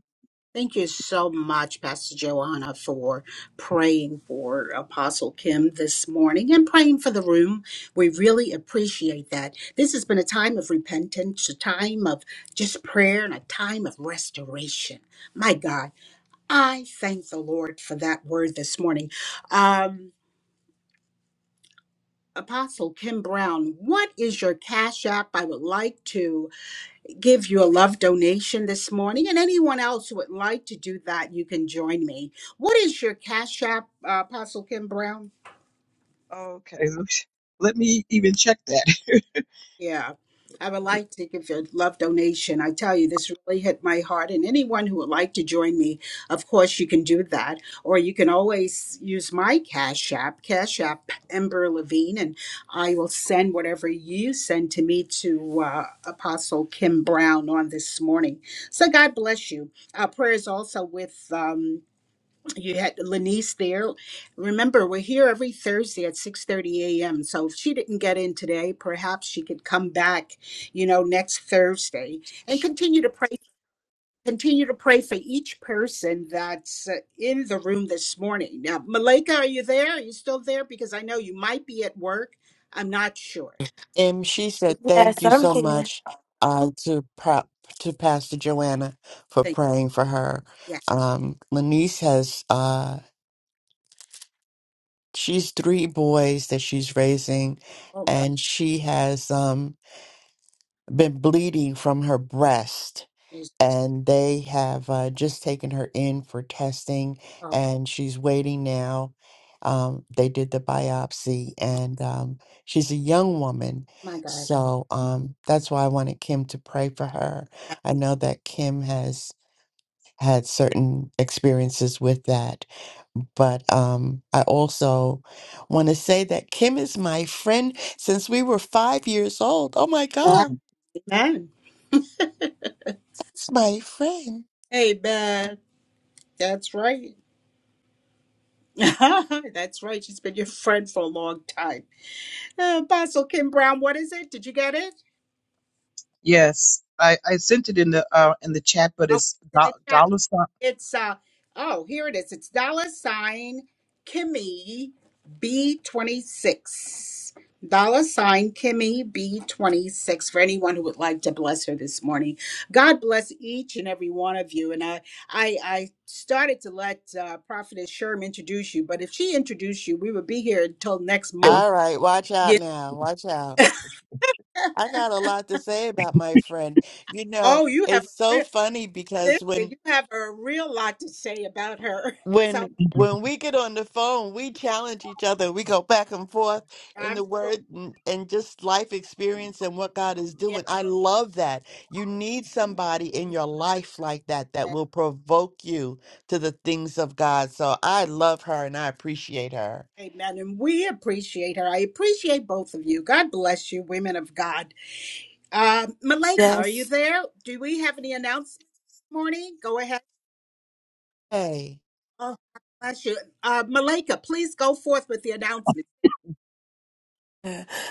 Speaker 1: Thank you so much, Pastor Joanna, for praying for Apostle Kim this morning and praying for the room. We really appreciate that. This has been a time of repentance, a time of just prayer, and a time of restoration. My God, I thank the Lord for that word this morning. Um, Apostle Kim Brown, what is your cash app? I would like to give you a love donation this morning. And anyone else who would like to do that, you can join me. What is your Cash App, uh, Apostle Kim Brown?
Speaker 3: okay let me even check that
Speaker 1: Yeah, I would
Speaker 3: Mhm.
Speaker 1: like to give a love donation. I tell you, this really hit my heart. And anyone who would like to join me, of course, you can do that. Or you can always use my Cash App, Cash App Ember Levine, and I will send whatever you send to me to uh, Apostle Kim Brown on this morning. So God bless you. Our prayers also with. Um, you had Lanice there. Remember, we're here every Thursday at 6:30 a.m. So if she didn't get in today, perhaps she could come back, you know, next Thursday and continue to pray continue to pray for each person that's uh, in the room this morning. Now, Malika, are you there? Are you still there because I know you might be at work. I'm not sure.
Speaker 2: Em, she said,
Speaker 14: Yes,
Speaker 2: "Thank you
Speaker 14: I'm
Speaker 2: so
Speaker 14: here.
Speaker 2: much uh, to prop to Pastor Joanna for
Speaker 1: Thank
Speaker 2: praying for her."
Speaker 1: Yeah.
Speaker 2: Um, Lanice has uh, she's three boys that she's raising,
Speaker 1: Oh God.
Speaker 2: and she has um, been bleeding from her breast
Speaker 1: Jeez.
Speaker 2: and they have uh, just taken her in for testing,
Speaker 1: Okay.
Speaker 2: and she's waiting now. Um, they did the biopsy, and um, she's a young woman,
Speaker 1: My God.
Speaker 2: so um, that's why I wanted Kim to pray for her. I know that Kim has had certain experiences with that, but um, I also want to say that Kim is my friend since we were five years old. Oh my God,
Speaker 1: Amen.
Speaker 2: it's my friend.
Speaker 1: Amen. That's right. That's right. She's been your friend for a long time. Uh, Apostle Kim Brown, what is it? Did you get it?
Speaker 3: Yes, I, I sent it in the uh, in the chat, but
Speaker 1: I'll
Speaker 3: it's
Speaker 1: put it
Speaker 3: do-
Speaker 1: in the chat.
Speaker 3: dollar sign.
Speaker 1: It's uh oh, here it is. It's dollar sign Kimmy B twenty six. Dollar sign Kimmy B twenty six for anyone who would like to bless her this morning. God bless each and every one of you. And I I, I started to let uh, Prophetess Sherm introduce you, but if she introduced you, we would be here until next month.
Speaker 2: All right, watch out
Speaker 1: Yeah.
Speaker 2: now. Watch out. I got a lot to say about my friend. You know,
Speaker 1: Oh, you have a
Speaker 2: it's so
Speaker 1: real
Speaker 2: funny
Speaker 1: listen,
Speaker 2: because when
Speaker 1: you have a real lot to say about her. So
Speaker 2: when when we get on the phone, we challenge each other. We go back and forth in
Speaker 1: I'm
Speaker 2: the
Speaker 1: sure.
Speaker 2: word and, and just life experience and what God is
Speaker 1: Yeah.
Speaker 2: doing. I love that. You need somebody in your life like that that will provoke you to the things of God. So I love her and I appreciate her.
Speaker 1: Amen. And we appreciate her. I appreciate both of you. God bless you, women of God. Uh, Malika, are
Speaker 14: Yes.
Speaker 1: you there? Do we have any announcements this morning? Go ahead.
Speaker 2: Hey.
Speaker 1: Oh, God bless you. Uh, Malika, please go forth with the announcement.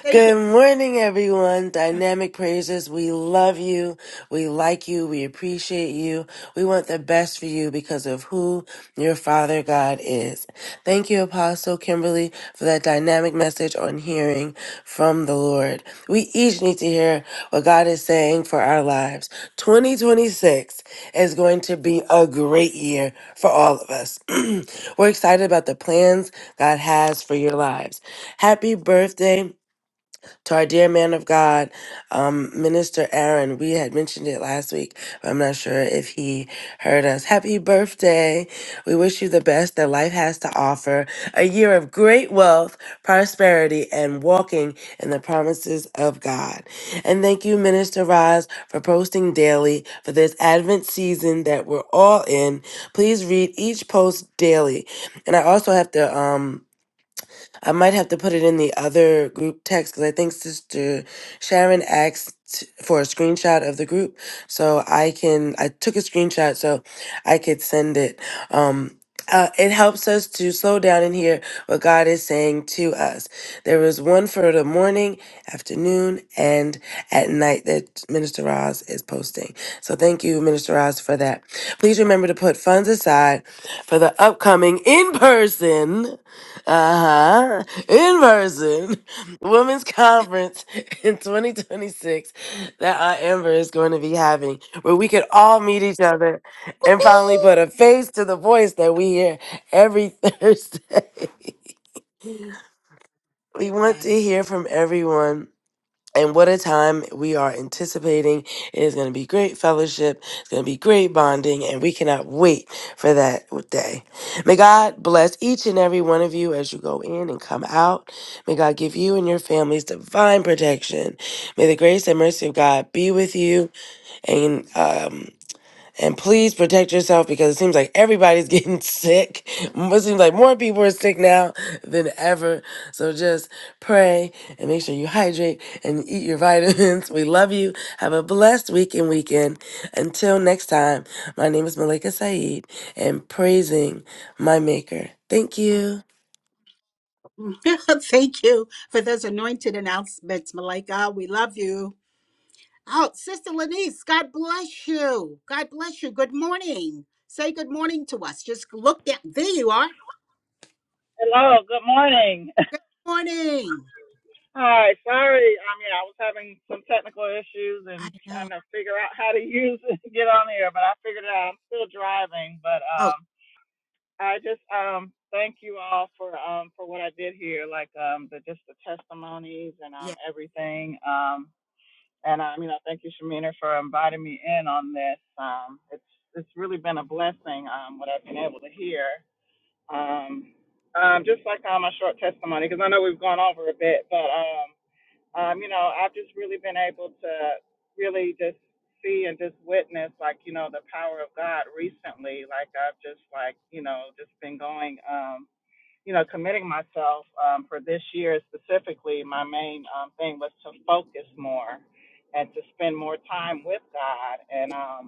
Speaker 1: Thank
Speaker 14: Good morning, everyone. Dynamic Praisers, we love you. We like you. We appreciate you. We want the best for you because of who your Father God is. Thank you, Apostle Kimberly, for that dynamic message on hearing from the Lord. We each need to hear what God is saying for our lives. 2026 is going to be a great year for all of us. We're excited about the plans God has for your lives. Happy birthday to our dear man of God, um, Minister Aaron. We had mentioned it last week. but I'm not sure if he heard us. Happy birthday. We wish you the best that life has to offer. A year of great wealth, prosperity, and walking in the promises of God. And thank you, Minister Roz, for posting daily for this Advent season that we're all in. Please read each post daily. And I also have to um I might have to put it in the other group text because I think Sister Sharon asked for a screenshot of the group, so I can. I took a screenshot so I could send it. Um, uh, it helps us to slow down and hear what God is saying to us. There is one for the morning, afternoon, and at night that Minister Roz is posting. So thank you, Minister Roz, for that. Please remember to put funds aside for the upcoming in person. Uh-huh. In person, women's conference in 2026 that Aunt Amber is going to be having, where we could all meet each other and finally put a face to the voice that we hear every Thursday. We
Speaker 1: you.
Speaker 14: want
Speaker 1: Amen.
Speaker 14: to hear from everyone and what a time we are anticipating. It is going to be great fellowship. It's going to be great bonding. And we cannot wait for that day. May God bless each and every one of you as you go in and come out. May God give you and your families divine protection. May the grace and mercy of God be with you. And um, and please protect yourself because it seems like everybody's getting sick. It seems like more people are sick now than ever. So just pray and make sure you hydrate and eat your vitamins. We love you. Have a blessed week and weekend. Until next time, my name is Malika Saeed and praising my maker. Thank you.
Speaker 1: Thank you for those anointed announcements, Malika. We love you. Oh, Sister Lenise, God bless you. God bless you. Good morning. Say good morning to us. Just look down. There you are.
Speaker 15: Hello, good morning.
Speaker 1: Morning.
Speaker 15: Hi, sorry. I mean, I was having some technical issues
Speaker 1: I
Speaker 15: and
Speaker 1: know.
Speaker 15: trying to figure out how to use it to get on here, but I figured it out. I'm still driving, but
Speaker 1: Oh,
Speaker 15: um, I just um, thank you all for um, for what I did here, like um, the just the testimonies and um,
Speaker 1: yeah,
Speaker 15: everything. Um, and um, you know, thank you, Shamina, for inviting me in on this. Um, it's it's really been a blessing um, what I've been able to hear, Um, um, just like on my short testimony, because I know we've gone over a bit, but um, um, you know, I've just really been able to really just see and just witness, like you know, the power of God recently. Like I've just like you know, just been going, um, you know, committing myself um, for this year specifically. My main um, thing was to focus more and to spend more time with God, and um,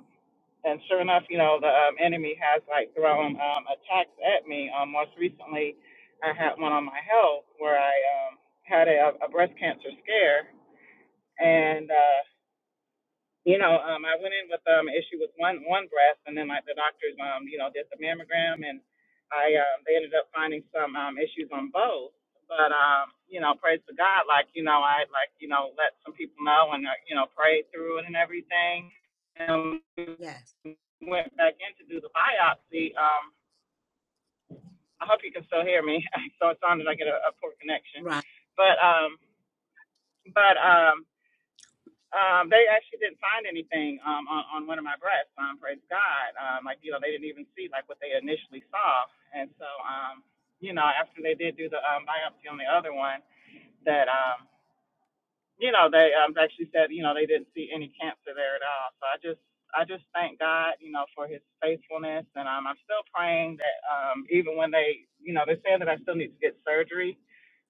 Speaker 15: and sure enough, you know, the um, enemy has like thrown um, attacks at me. Um, most recently, I had one on my health where I um, had a, a breast cancer scare, and uh, you know, um, I went in with um an issue with one one breast, and then like the doctors, um, you know, did the mammogram, and I um, they ended up finding some um issues on both. But um, you know, praise to God, like you know, I like you know let some people know and uh, you know prayed through it and everything. And
Speaker 1: yes.
Speaker 15: went back in to do the biopsy. Um, I hope you can still hear me. so it sounded like I get a, a poor connection,
Speaker 1: Right.
Speaker 15: but um, but um, Um, they actually didn't find anything um, on, on one of my breasts. Um, praise God. Um, like you know, they didn't even see like what they initially saw. And so, um, you know, after they did do the um, biopsy on the other one, that um, you know, they um, actually said, you know, they didn't see any cancer there at all. So I just, I just thank God, you know, for His faithfulness, and um, I'm still praying that um, even when they, you know, they're saying that I still need to get surgery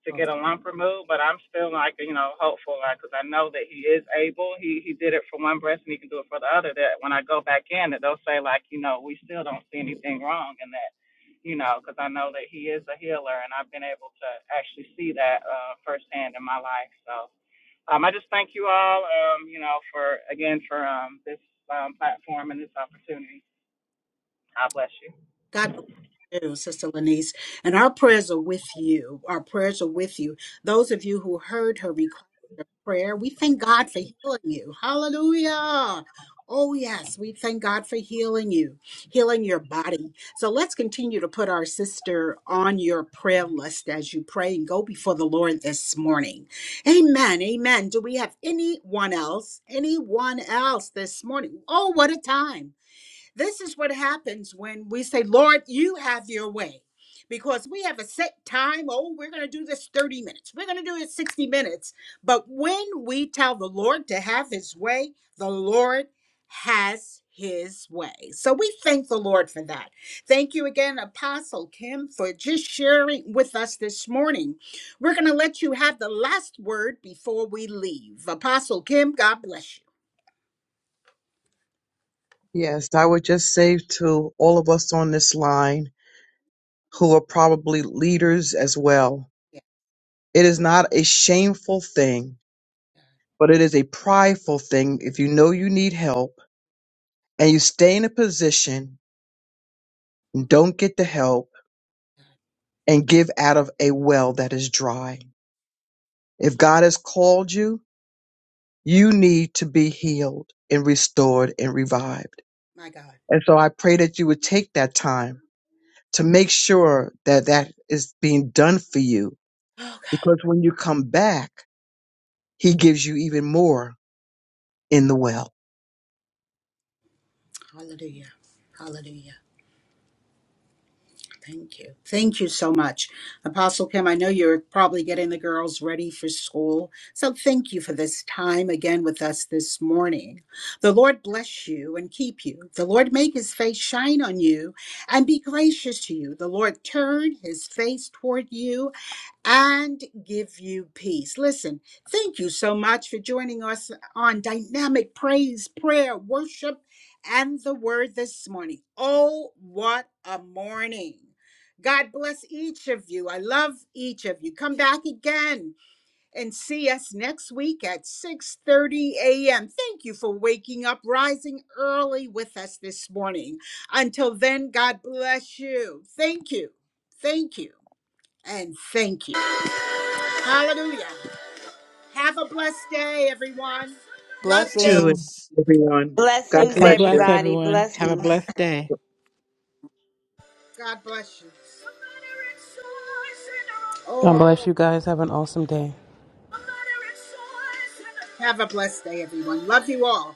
Speaker 15: to get a lump removed, but I'm still like, you know, hopeful, like, because I know that He is able. He He did it for one breast, and He can do it for the other. That when I go back in, that they'll say like, you know, we still don't see anything wrong, and that. You know, because I know that he is a healer, and I've been able to actually see that uh, firsthand in my life. So, um, I just thank you all, um, you know, for again for um, this um, platform and this opportunity. God bless you.
Speaker 1: God bless you, Sister Lenise. And our prayers are with you. Our prayers are with you. Those of you who heard her request of prayer, we thank God for healing you. Hallelujah. Oh, yes, we thank God for healing you, healing your body. So let's continue to put our sister on your prayer list as you pray and go before the Lord this morning. Amen. Amen. Do we have anyone else? Anyone else this morning? Oh, what a time. This is what happens when we say, Lord, you have your way. Because we have a set time. Oh, we're going to do this 30 minutes. We're going to do it 60 minutes. But when we tell the Lord to have his way, the Lord has his way. So we thank the Lord for that. Thank you again, Apostle Kim, for just sharing with us this morning. We're going to let you have the last word before we leave. Apostle Kim, God bless you.
Speaker 3: Yes, I would just say to all of us on this line. who are probably leaders as well.
Speaker 1: Yeah,
Speaker 3: It is not a shameful thing, but it is a prideful thing if you know you need help and you stay in a position and don't get the help and give out of a well that is dry. If God has called you, you need to be healed and restored and revived.
Speaker 1: my God.
Speaker 3: And so I pray that you would take that time to make sure that that is being done for you
Speaker 1: Oh, God.
Speaker 3: because when you come back, he gives you even more in the well.
Speaker 1: Hallelujah. Hallelujah. Thank you. Thank you so much. Apostle Kim, I know you're probably getting the girls ready for school. So thank you for this time again with us this morning. The Lord bless you and keep you. The Lord make his face shine on you and be gracious to you. The Lord turn his face toward you and give you peace. Listen, thank you so much for joining us on Dynamic Praise, Prayer, Worship, and the Word this morning. Oh, what a morning! God bless each of you. I love each of you. Come back again and see us next week at 6:30 a.m. Thank you for waking up, rising early with us this morning. Until then, God bless you. Thank you. Thank you. And thank you. Hallelujah. Have a blessed day, everyone. Love you.
Speaker 3: too,
Speaker 2: Blessings.
Speaker 3: everyone. God
Speaker 9: Blessings.
Speaker 10: God
Speaker 3: bless you.
Speaker 10: bless everyone. Have a blessed day.
Speaker 1: God bless you.
Speaker 6: God
Speaker 1: Oh,
Speaker 6: bless you guys. Have an awesome day.
Speaker 1: have a blessed day, everyone. Love you all.